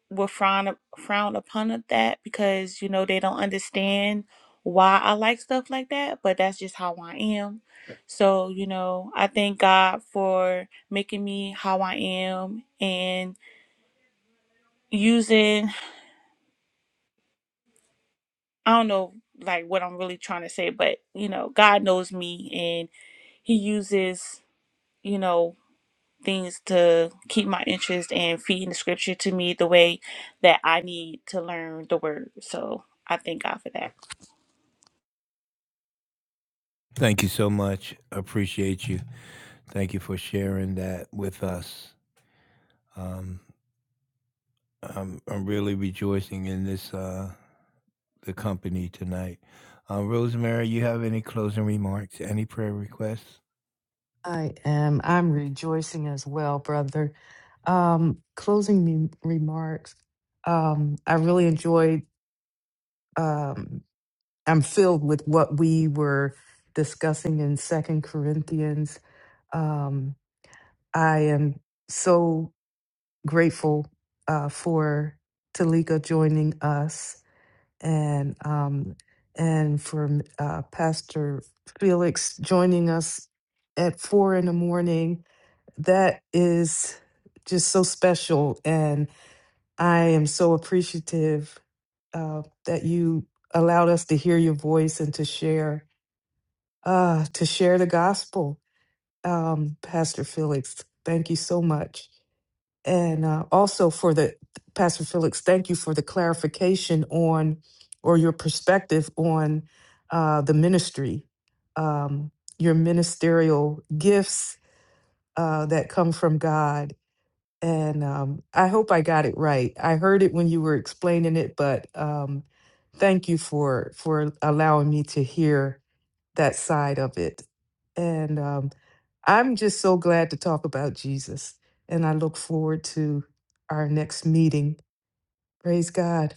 Speaker 4: will frown frown upon of that because you know they don't understand why I like stuff like that, but that's just how I am. So, you know, I thank God for making me how I am and using I don't know like what I'm really trying to say, but you know, God knows me and he uses, you know, things to keep my interest and feeding the scripture to me the way that I need to learn the word. So I thank God for that.
Speaker 1: Thank you so much. Appreciate you. Thank you for sharing that with us. Um, I'm, I'm really rejoicing in this uh, the company tonight. Uh, Rosemary, you have any closing remarks? Any prayer requests?
Speaker 2: I am. I'm rejoicing as well, brother. Um, closing me remarks. Um, I really enjoyed. Um, I'm filled with what we were discussing in Second Corinthians. Um, I am so grateful uh, for Talika joining us, and um, and for uh, Pastor Felix joining us at four in the morning. That is just so special, and I am so appreciative uh, that you allowed us to hear your voice and to share uh, to share the gospel, um, Pastor Felix. Thank you so much. And uh, also for the, Pastor Felix, thank you for the clarification on or your perspective on uh, the ministry, um, your ministerial gifts uh, that come from God. And um, I hope I got it right. I heard it when you were explaining it, but um, thank you for for allowing me to hear that side of it. And um, I'm just so glad to talk about Jesus. And I look forward to our next meeting. Praise God.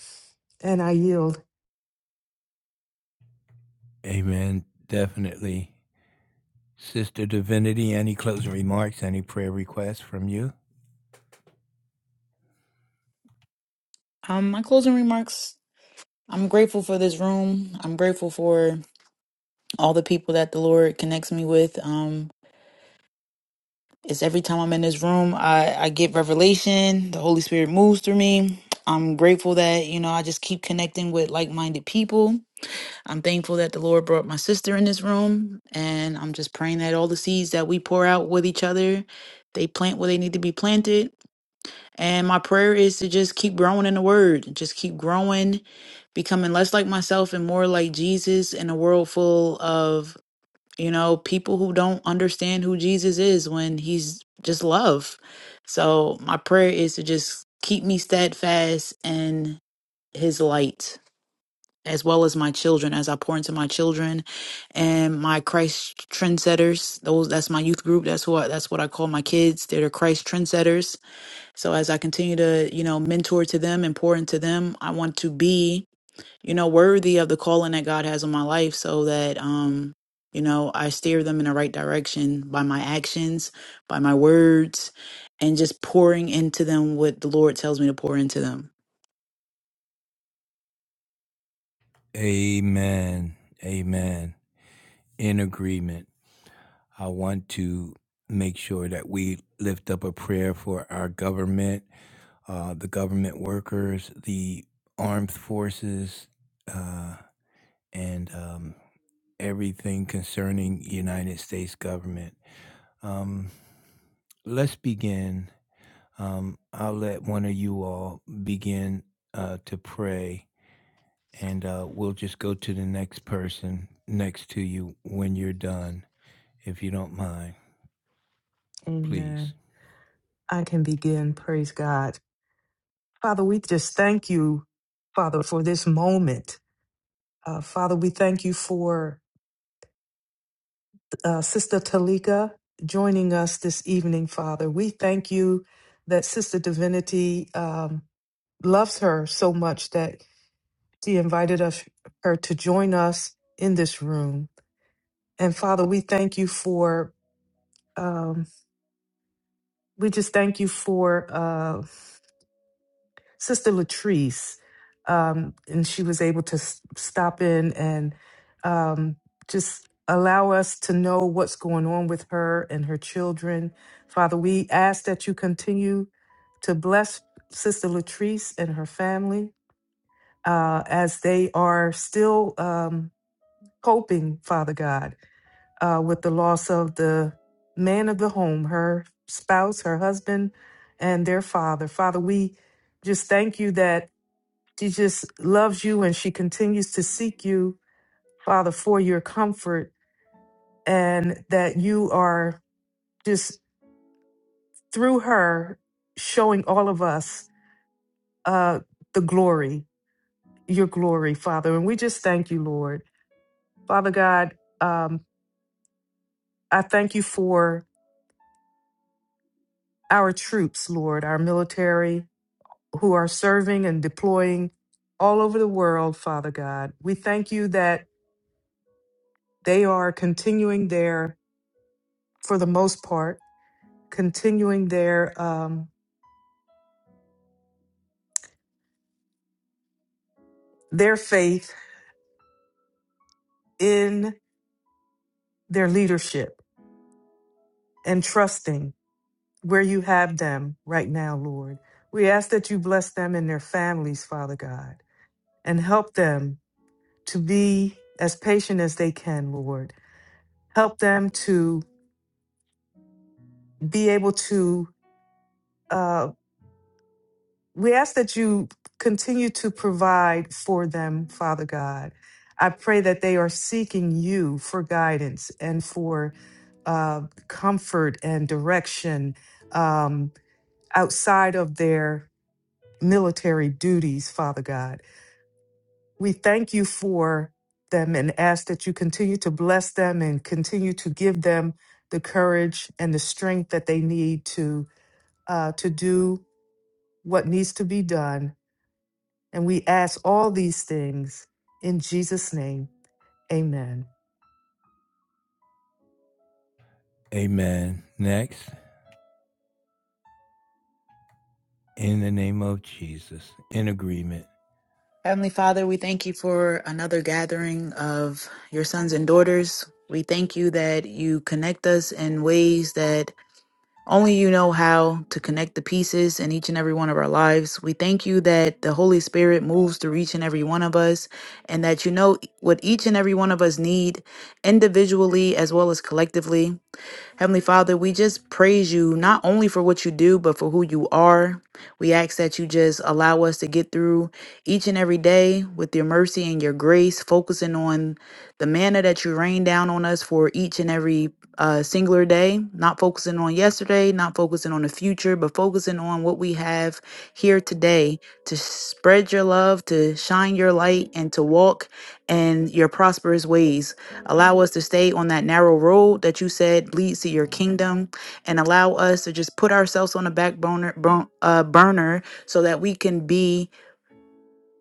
Speaker 2: And I yield.
Speaker 1: Amen. Definitely. Sister Divinity, any closing remarks, any prayer requests from you?
Speaker 3: um, my closing remarks. I'm grateful for this room. I'm grateful for all the people that the Lord connects me with. Um, it's every time I'm in this room, I, I get revelation. The Holy Spirit moves through me. I'm grateful that, you know, I just keep connecting with like minded people. I'm thankful that the Lord brought my sister in this room, and I'm just praying that all the seeds that we pour out with each other, they plant where they need to be planted. And my prayer is to just keep growing in the Word, just keep growing, becoming less like myself and more like Jesus in a world full of you know people who don't understand who Jesus is when He's just love. So my prayer is to just keep me steadfast in His light as well as my children as I pour into my children and my Christ trendsetters. Those that's my youth group. That's what that's what I call my kids. They're the Christ trendsetters. So as I continue to, you know, mentor to them and pour into them, I want to be, you know, worthy of the calling that God has on my life so that um you know, I steer them in the right direction by my actions, by my words, and just pouring into them what the Lord tells me to pour into them.
Speaker 1: Amen. Amen. In agreement. I want to make sure that we lift up a prayer for our government, uh, the government workers, the armed forces, uh, and um, everything concerning United States government. Um, let's begin. Um, I'll let one of you all begin uh, to pray and uh, we'll just go to the next person next to you when you're done, if you don't mind, please.
Speaker 2: Amen. I can begin. Praise God. Father, we just thank you, Father, for this moment. Uh, Father, we thank you for uh, Sister Talika joining us this evening, Father. We thank you that Sister Divinity um, loves her so much that. She invited us, her to join us in this room. And Father, we thank you for, um, we just thank you for uh, Sister Latrice. Um, and she was able to s- stop in and um, just allow us to know what's going on with her and her children. Father, we ask that you continue to bless Sister Latrice and her family uh, as they are still um, coping, Father God uh, with the loss of the man of the home, her spouse, her husband, and their father. Father, we just thank you that she just loves you and she continues to seek you, Father, for your comfort, and that you are just through her showing all of us uh, the glory, your glory, Father. And we just thank you, Lord. Father God, um, I thank you for our troops, Lord, our military, who are serving and deploying all over the world, Father God. We thank you that they are continuing their, for the most part, continuing their um, their faith in their leadership and trusting where you have them right now, Lord. We ask that you bless them and their families, Father God, and help them to be as patient as they can, Lord. Help them to be able to uh, We ask that you continue to provide for them, Father God. I pray that they are seeking you for guidance and for uh, comfort and direction um, outside of their military duties, Father God. We thank you for them and ask that you continue to bless them and continue to give them the courage and the strength that they need to uh, to do what needs to be done And we ask all these things in Jesus' name. Amen.
Speaker 1: Amen. Next, in the name of Jesus, in agreement.
Speaker 3: Heavenly Father, we thank you for another gathering of your sons and daughters. We thank you that you connect us in ways that only you know how to connect the pieces in each and every one of our lives. We thank you that the Holy Spirit moves through each and every one of us and that you know what each and every one of us need individually as well as collectively. Heavenly Father, we just praise you not only for what you do, but for who you are. We ask that you just allow us to get through each and every day with your mercy and your grace, focusing on the manna that you rain down on us for each and every uh, singular day, not focusing on yesterday, not focusing on the future, but focusing on what we have here today to spread your love, to shine your light, and to walk in your prosperous ways. Allow us to stay on that narrow road that you said leads to your kingdom and allow us to just put ourselves on a back burner, bur- uh, burner so that we can be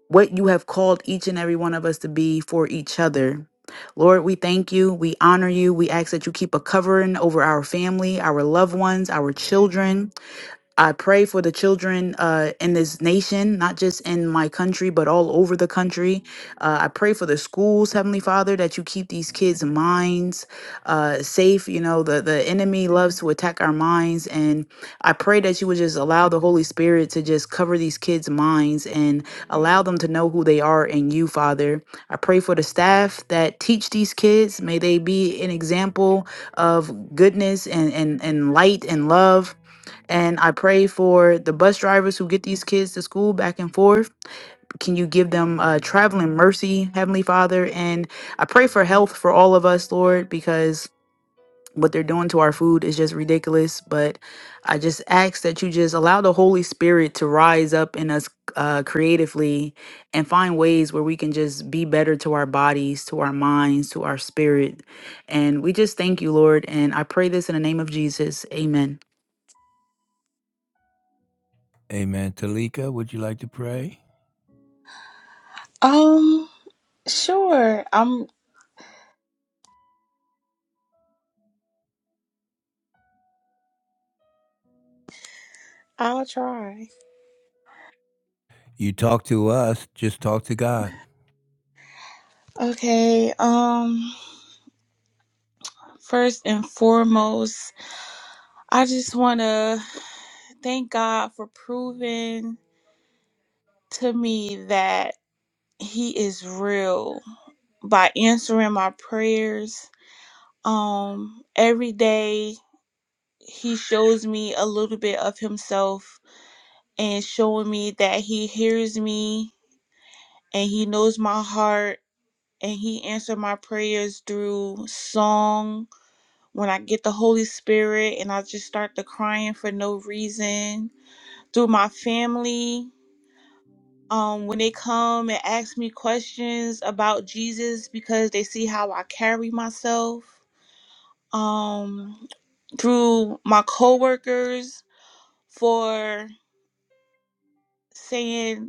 Speaker 3: what you have called each and every one of us to be for each other. Lord, we thank you. We honor you. We ask that you keep a covering over our family, our loved ones, our children. I pray for the children uh, in this nation, not just in my country, but all over the country. Uh, I pray for the schools, Heavenly Father, that you keep these kids' minds uh, safe. You know, the, the enemy loves to attack our minds. And I pray that you would just allow the Holy Spirit to just cover these kids' minds and allow them to know who they are in you, Father. I pray for the staff that teach these kids. May they be an example of goodness and, and, and light and love. And I pray for the bus drivers who get these kids to school back and forth. Can you give them uh, traveling mercy, Heavenly Father? And I pray for health for all of us, Lord, because what they're doing to our food is just ridiculous. But I just ask that you just allow the Holy Spirit to rise up in us uh, creatively and find ways where we can just be better to our bodies, to our minds, to our spirit. And we just thank you, Lord. And I pray this in the name of Jesus. Amen.
Speaker 1: Amen. Talika, would you like to pray?
Speaker 4: Um, sure. I'm I'll try.
Speaker 1: You talk to us, just talk to God.
Speaker 4: Okay. Um, first and foremost, I just want to thank God for proving to me that he is real by answering my prayers. Um, every day he shows me a little bit of himself and showing me that he hears me and he knows my heart and he answered my prayers through song when i get the holy spirit and i just start to crying for no reason through my family um, when they come and ask me questions about jesus because they see how i carry myself um, through my coworkers for saying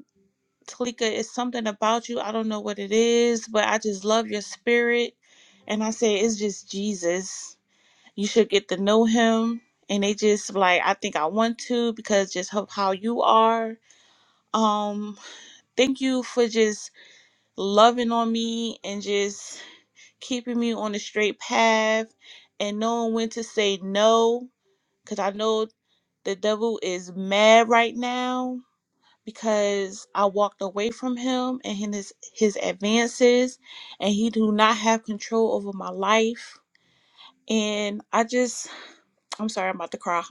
Speaker 4: Talika, it's something about you. I don't know what it is, but I just love your spirit. And I say, it's just Jesus. You should get to know him. And they just like, I think I want to because just of how you are. Um, thank you for just loving on me and just keeping me on the straight path and knowing when to say no. Cause I know the devil is mad right now because I walked away from him and his his advances and he do not have control over my life and I just [sniffs] I'm sorry I'm about to cry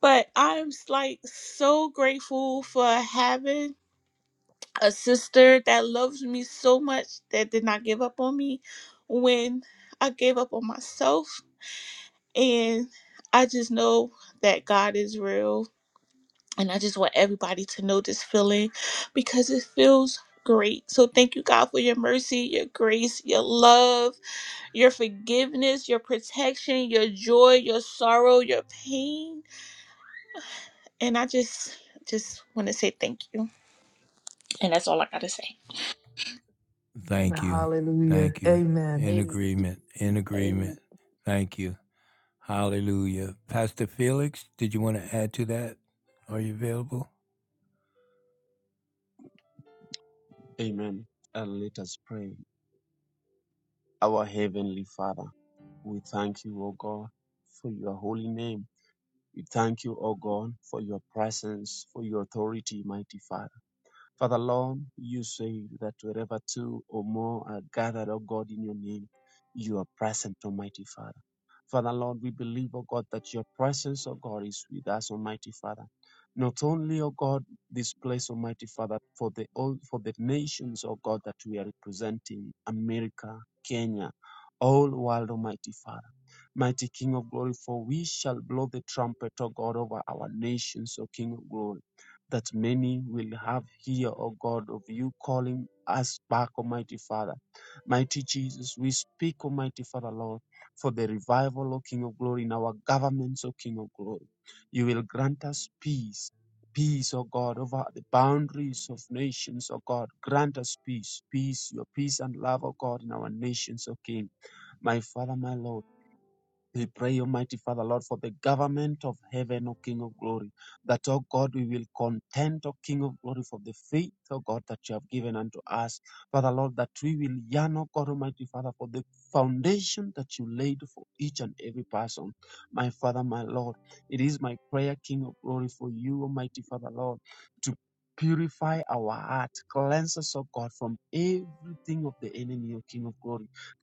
Speaker 4: but I'm like so grateful for having a sister that loves me so much that did not give up on me when I gave up on myself and I just know that God is real And I just want everybody to know this feeling because it feels great. So thank you, God, for your mercy, your grace, your love, your forgiveness, your protection, your joy, your sorrow, your pain. And I just just want to say thank you. And that's all I gotta say.
Speaker 1: Thank you.
Speaker 2: Hallelujah.
Speaker 1: Thank you.
Speaker 2: Amen.
Speaker 1: In agreement. In
Speaker 3: Amen.
Speaker 1: agreement. Thank you. Hallelujah. Pastor Felix, did you want to add to that? Are you available?
Speaker 6: Amen. And let us pray. Our Heavenly Father, we thank you, O God, for your holy name. We thank you, O God, for your presence, for your authority, mighty Father. Father Lord, you say that wherever two or more are gathered, O God, in your name, you are present, Almighty Father. Father Lord, we believe, O God, that your presence, O God, is with us, Almighty Father. Not only, O God, this place, Almighty Father, for the all for the nations, O God, that we are representing, America, Kenya, all world, Almighty Father. Mighty King of glory, for we shall blow the trumpet, O God, over our nations, O King of glory that many will have here, O God, of you calling us back, Almighty Father. Mighty Jesus, we speak, Almighty Father, Lord, for the revival, O King of Glory, in our governments, O King of Glory. You will grant us peace. Peace, O God, over the boundaries of nations, O God. Grant us peace, peace, your peace and love, O God, in our nations, O King. My Father, my Lord. We pray, Almighty Father, Lord, for the government of heaven, O King of glory, that, O God, we will contend, O King of glory, for the faith, O God, that you have given unto us. Father, Lord, that we will yearn, O God, Almighty Father, for the foundation that you laid for each and every person. My Father, my Lord, it is my prayer, King of glory, for you, Almighty Father, Lord, to Purify our heart, cleanse us, O God, from everything of the enemy, O King of glory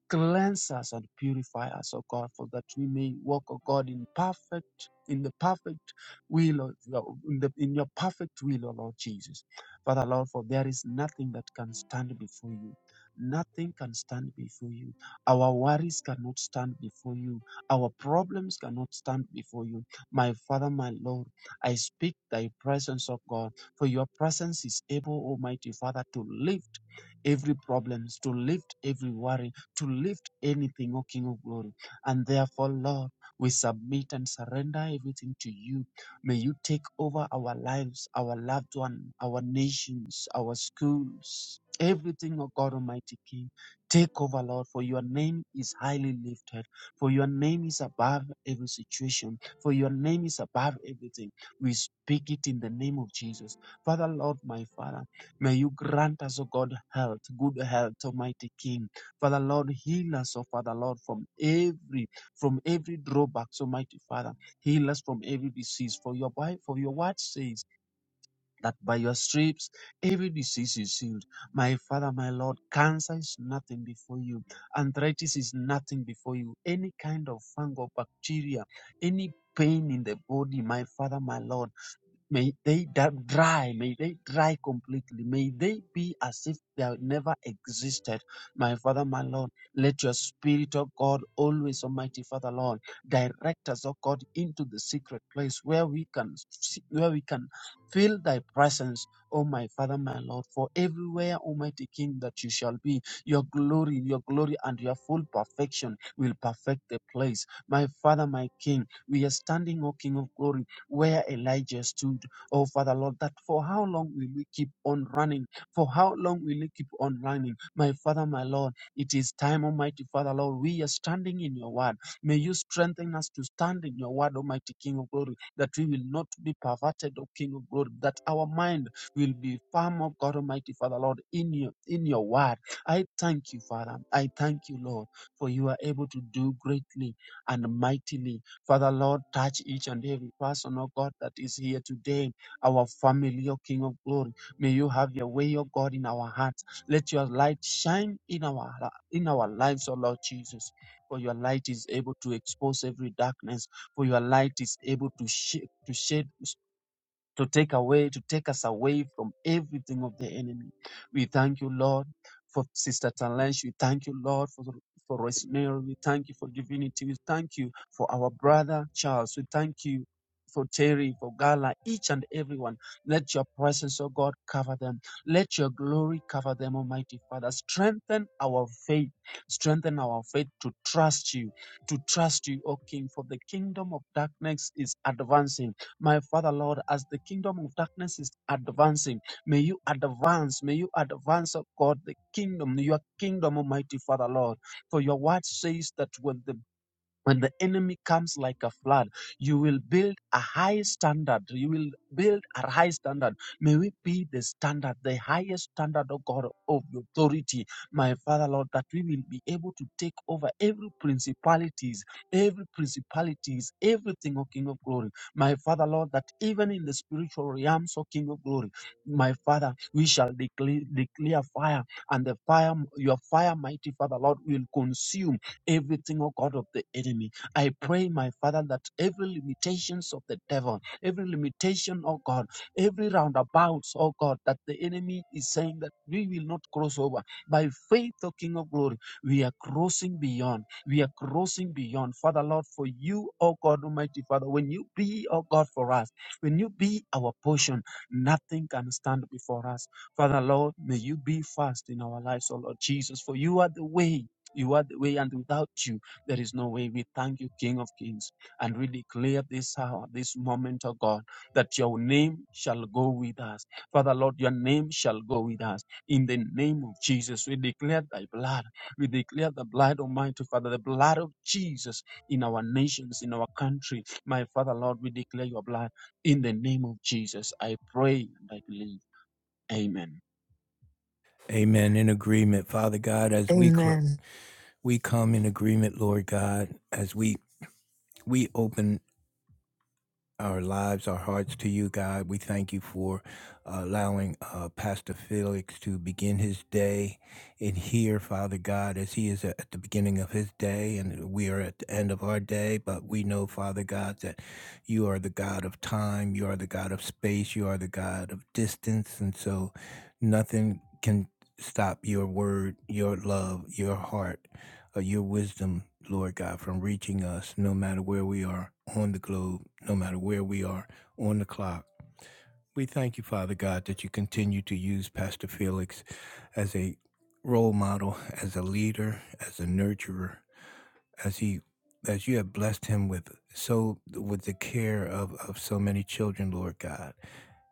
Speaker 6: Cleanse us and purify us, O God, for that we may walk, O God, in perfect, in the perfect will, of your- in, the, in your perfect will, O Lord Jesus. Father, Lord, for there is nothing that can stand before you. Nothing can stand before you. Our worries cannot stand before you. Our problems cannot stand before you. My Father, my Lord, I speak thy presence, O God, for your presence is able, Almighty Father, to lift every problems, to lift every worry to lift anything, O King of Glory. And therefore, Lord, we submit and surrender everything to you. May you take over our lives, our loved one, our nations, our schools, everything, O God Almighty King. Take over, Lord, for your name is highly lifted, for your name is above every situation, for your name is above everything. We speak it in the name of Jesus. Father, Lord, my Father, may you grant us, O God, health, good health, Almighty King. Father Lord, heal us, oh Father Lord, from every from every drawback, Almighty Father, heal us from every disease. For your Bi- for your word says that by your stripes every disease is healed. My Father, my Lord, cancer is nothing before you. Arthritis is nothing before you. Any kind of fungal bacteria, any pain in the body, my Father, my Lord. May they da- dry, may they dry completely. May they be as if they have never existed. My Father, my Lord, let your Spirit, of God, always, Almighty Father, Lord, direct us, O God, into the secret place where we can, see, where we can feel Thy presence, O my Father, my Lord. For everywhere, Almighty King, that You shall be, Your glory, Your glory, and Your full perfection will perfect the place. My Father, my King, we are standing, O King of Glory where Elijah stood. Oh, Father Lord, that for how long will we keep on running? For how long will we keep on running? My Father, my Lord, it is time, Almighty Father, Lord, we are standing in your word. May you strengthen us to stand in your word, Almighty King of glory, that we will not be perverted, O King of glory, that our mind will be firm, O God Almighty Father, Lord, in your, in your word. I thank you, Father. I thank you, Lord, for you are able to do greatly and mightily Father Lord, touch each and every person, oh God, that is here today, our family, oh King of glory. May you have your way, oh God, in our hearts. Let your light shine in our in our lives, oh Lord Jesus. For your light is able to expose every darkness. For your light is able to shade to shed to take away, to take us away from everything of the enemy. We thank you, Lord, for Sister Talensh. We thank you, Lord, for for Rosemary. We thank you for Divinity. We thank you for our brother Charles. We thank you. For Terry, for Gala, each and everyone, let your presence, oh God, cover them. Let your glory cover them, Almighty Father. Strengthen our faith. Strengthen our faith to trust you, to trust you, O King, for the kingdom of darkness is advancing my Father, Lord, as the kingdom of darkness is advancing, may you advance, may you advance, oh God, the kingdom, your kingdom, Almighty Father, Lord. For your word says that when the when the enemy comes like a flood, you will build a high standard. You will build a high standard. May we be the standard, the highest standard of God of authority, my Father Lord, that we will be able to take over every principalities, every principalities, everything, O King of Glory, my Father Lord, that even in the spiritual realms, O King of Glory, my Father, we shall declare, declare fire, and the fire, your fire, mighty Father Lord, will consume everything, oh God, of the enemy. I pray, my Father, that every limitations of the devil, every limitation, oh God, every roundabouts, oh God, that the enemy is saying that we will not cross over. By faith, O King of Glory, we are crossing beyond. We are crossing beyond. Father, Lord, for you, oh God, Almighty Father, when you be, oh God, for us, when you be our portion, nothing can stand before us. Father, Lord, may you be first in our lives, oh Lord Jesus, for you are the way. You are the way, and without you, there is no way. We thank you, King of Kings, and we declare this hour, this moment, oh God, that your name shall go with us. Father, Lord, your name shall go with us. In the name of Jesus, we declare thy blood. We declare the blood, Almighty Father, the blood of Jesus in our nations, in our country. My Father, Lord, we declare your blood in the name of Jesus. I pray and I believe. Amen.
Speaker 1: Amen. In agreement, Father God, as we close.
Speaker 2: Amen.
Speaker 1: we come in agreement, Lord God, as we we open our lives, our hearts to you, God. We thank you for uh, allowing uh, Pastor Felix to begin his day in here, Father God, as he is at the beginning of his day, and we are at the end of our day. But we know, Father God, that you are the God of time, you are the God of space, you are the God of distance, and so nothing can stop your word, your love, your heart uh, your wisdom, Lord God, from reaching us no matter where we are on the globe, no matter where we are on the clock. We thank you, Father God, that you continue to use Pastor Felix as a role model, as a leader, as a nurturer, as he as you have blessed him with so with the care of of so many children lord god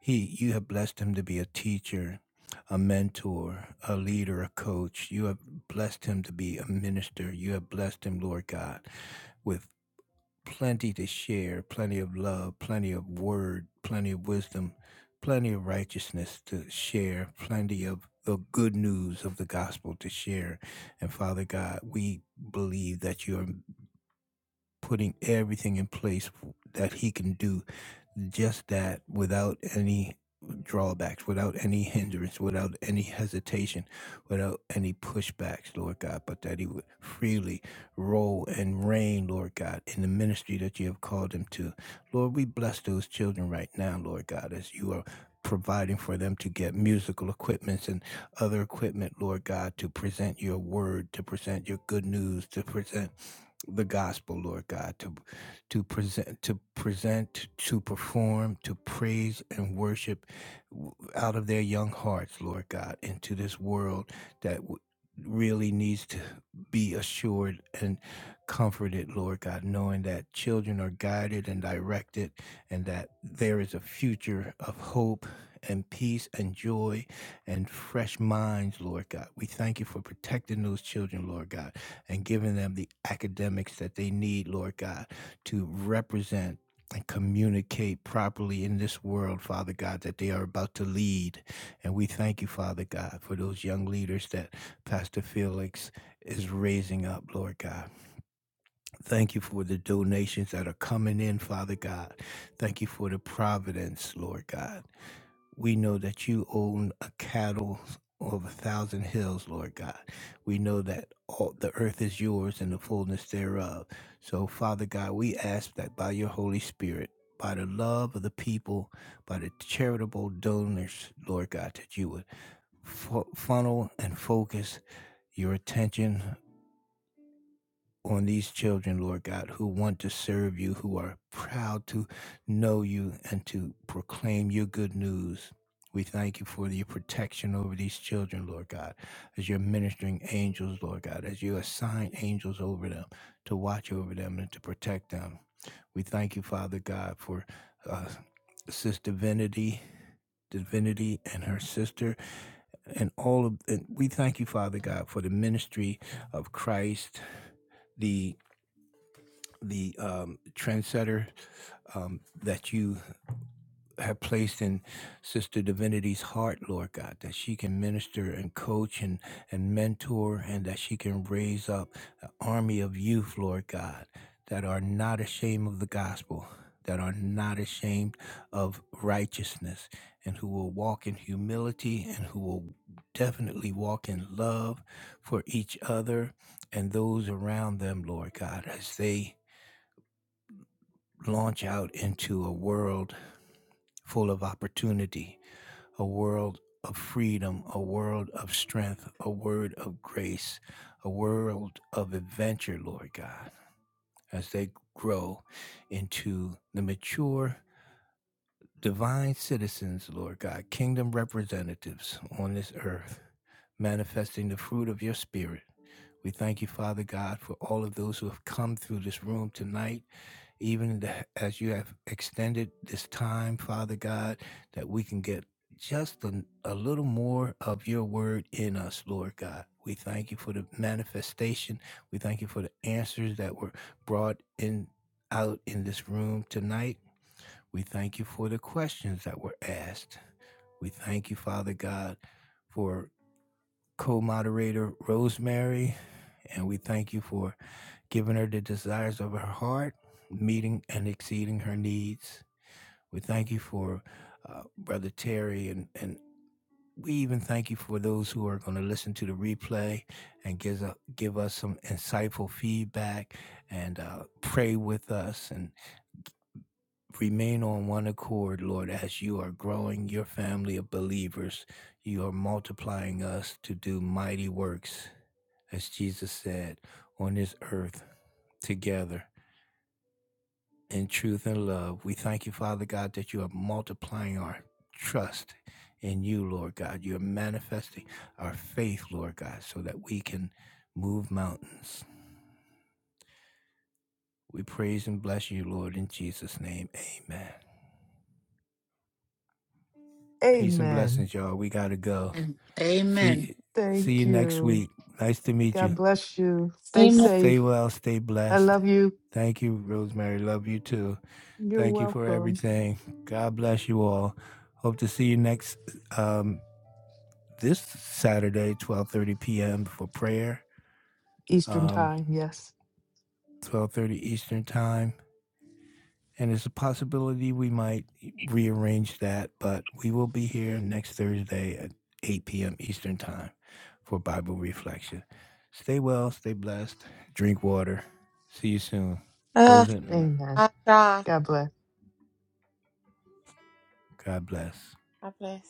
Speaker 1: he you have blessed him to be a teacher a mentor a leader a coach you have blessed him to be a minister you have blessed him lord god with plenty to share plenty of love plenty of word plenty of wisdom plenty of righteousness to share plenty of the good news of the gospel to share and Father God, we believe that you are putting everything in place that he can do just that without any drawbacks, without any hindrance, without any hesitation, without any pushbacks, Lord God, but that he would freely roll and reign, Lord God, in the ministry that you have called him to. Lord, we bless those children right now, Lord God, as you are providing for them to get musical equipments and other equipment, Lord God, to present your word, to present your good news, to present the gospel, Lord God, to to present, to present, to perform, to praise and worship out of their young hearts, Lord God, into this world that w- really needs to be assured and comforted, Lord God, knowing that children are guided and directed, and that there is a future of hope and peace and joy and fresh minds, Lord God. We thank you for protecting those children, Lord God and giving them the academics that they need, Lord God, to represent and communicate properly in this world, Father God, that they are about to lead. And we thank you, Father God, for those young leaders that Pastor Felix is raising up, Lord God. Thank you for the donations that are coming in, Father God. Thank you for the providence, Lord God. We know that you own a cattle of a thousand hills, Lord God. We know that all the earth is yours and the fullness thereof. So, Father God, we ask that by your Holy Spirit, by the love of the people, by the charitable donors, Lord God, that you would fu- funnel and focus your attention on these children, Lord God, who want to serve you, who are proud to know you and to proclaim your good news. We thank you for your protection over these children, Lord God, as you're ministering angels, Lord God, as you assign angels over them to watch over them and to protect them. We thank you, Father God, for uh, Sister Divinity, Divinity, and her sister, and all of. And we thank you, Father God, for the ministry of Christ, The the um, trendsetter um, that you have placed in Sister Divinity's heart, Lord God, that she can minister and coach and, and mentor, and that she can raise up an army of youth, Lord God, that are not ashamed of the gospel, that are not ashamed of righteousness, and who will walk in humility and who will definitely walk in love for each other and those around them, Lord God, as they launch out into a world full of opportunity, a world of freedom, a world of strength, a world of grace, a world of adventure, Lord God, as they grow into the mature divine citizens, Lord God, kingdom representatives on this earth, manifesting the fruit of your spirit. We thank you, Father God, for all of those who have come through this room tonight, even the- as you have extended this time, Father God, that we can get just a, a little more of your word in us, Lord God. We thank you for the manifestation. We thank you for the answers that were brought in out in this room tonight. We thank you for the questions that were asked. We thank you, Father God, for co moderator Rosemary, and we thank you for giving her the desires of her heart, meeting and exceeding her needs. We thank you for uh, Brother Terry, and, and we even thank you for those who are going to listen to the replay and give, give us some insightful feedback and uh, pray with us and. Remain on one accord, Lord, as you are growing your family of believers. You are multiplying us to do mighty works, as Jesus said, on this earth together in truth and love. We thank you, Father God, that you are multiplying our trust in you, Lord God. You're manifesting our faith, Lord God, so that we can move mountains. We praise and bless you, Lord, in Jesus' name. Amen. Peace and
Speaker 2: Amen.
Speaker 1: blessings, y'all. We got to go.
Speaker 3: And Amen.
Speaker 1: See see
Speaker 2: Thank
Speaker 1: you next
Speaker 2: you.
Speaker 1: week. Nice to meet
Speaker 2: God
Speaker 1: you.
Speaker 2: bless you. Stay
Speaker 4: Amen.
Speaker 1: Stay
Speaker 2: safe.
Speaker 1: well, stay
Speaker 2: I
Speaker 1: blessed.
Speaker 2: love you.
Speaker 1: Thank you, Rosemary. Love you too.
Speaker 2: You're
Speaker 1: Thank you for
Speaker 2: welcome.
Speaker 1: everything. God bless you all. Hope to see you next um this Saturday, 12:30 p.m. for prayer.
Speaker 2: Eastern
Speaker 1: Um
Speaker 2: time. Yes.
Speaker 1: 12:30 Eastern time. And there's a possibility we might e, rearrange that, but we will be here next Thursday at 8 p.m. Eastern Time for Bible Reflection. Stay well, stay blessed, drink water. See you soon.
Speaker 4: Uh,
Speaker 1: Close it.
Speaker 2: Amen.
Speaker 4: God, God,
Speaker 2: God bless.
Speaker 1: God bless.
Speaker 4: bless.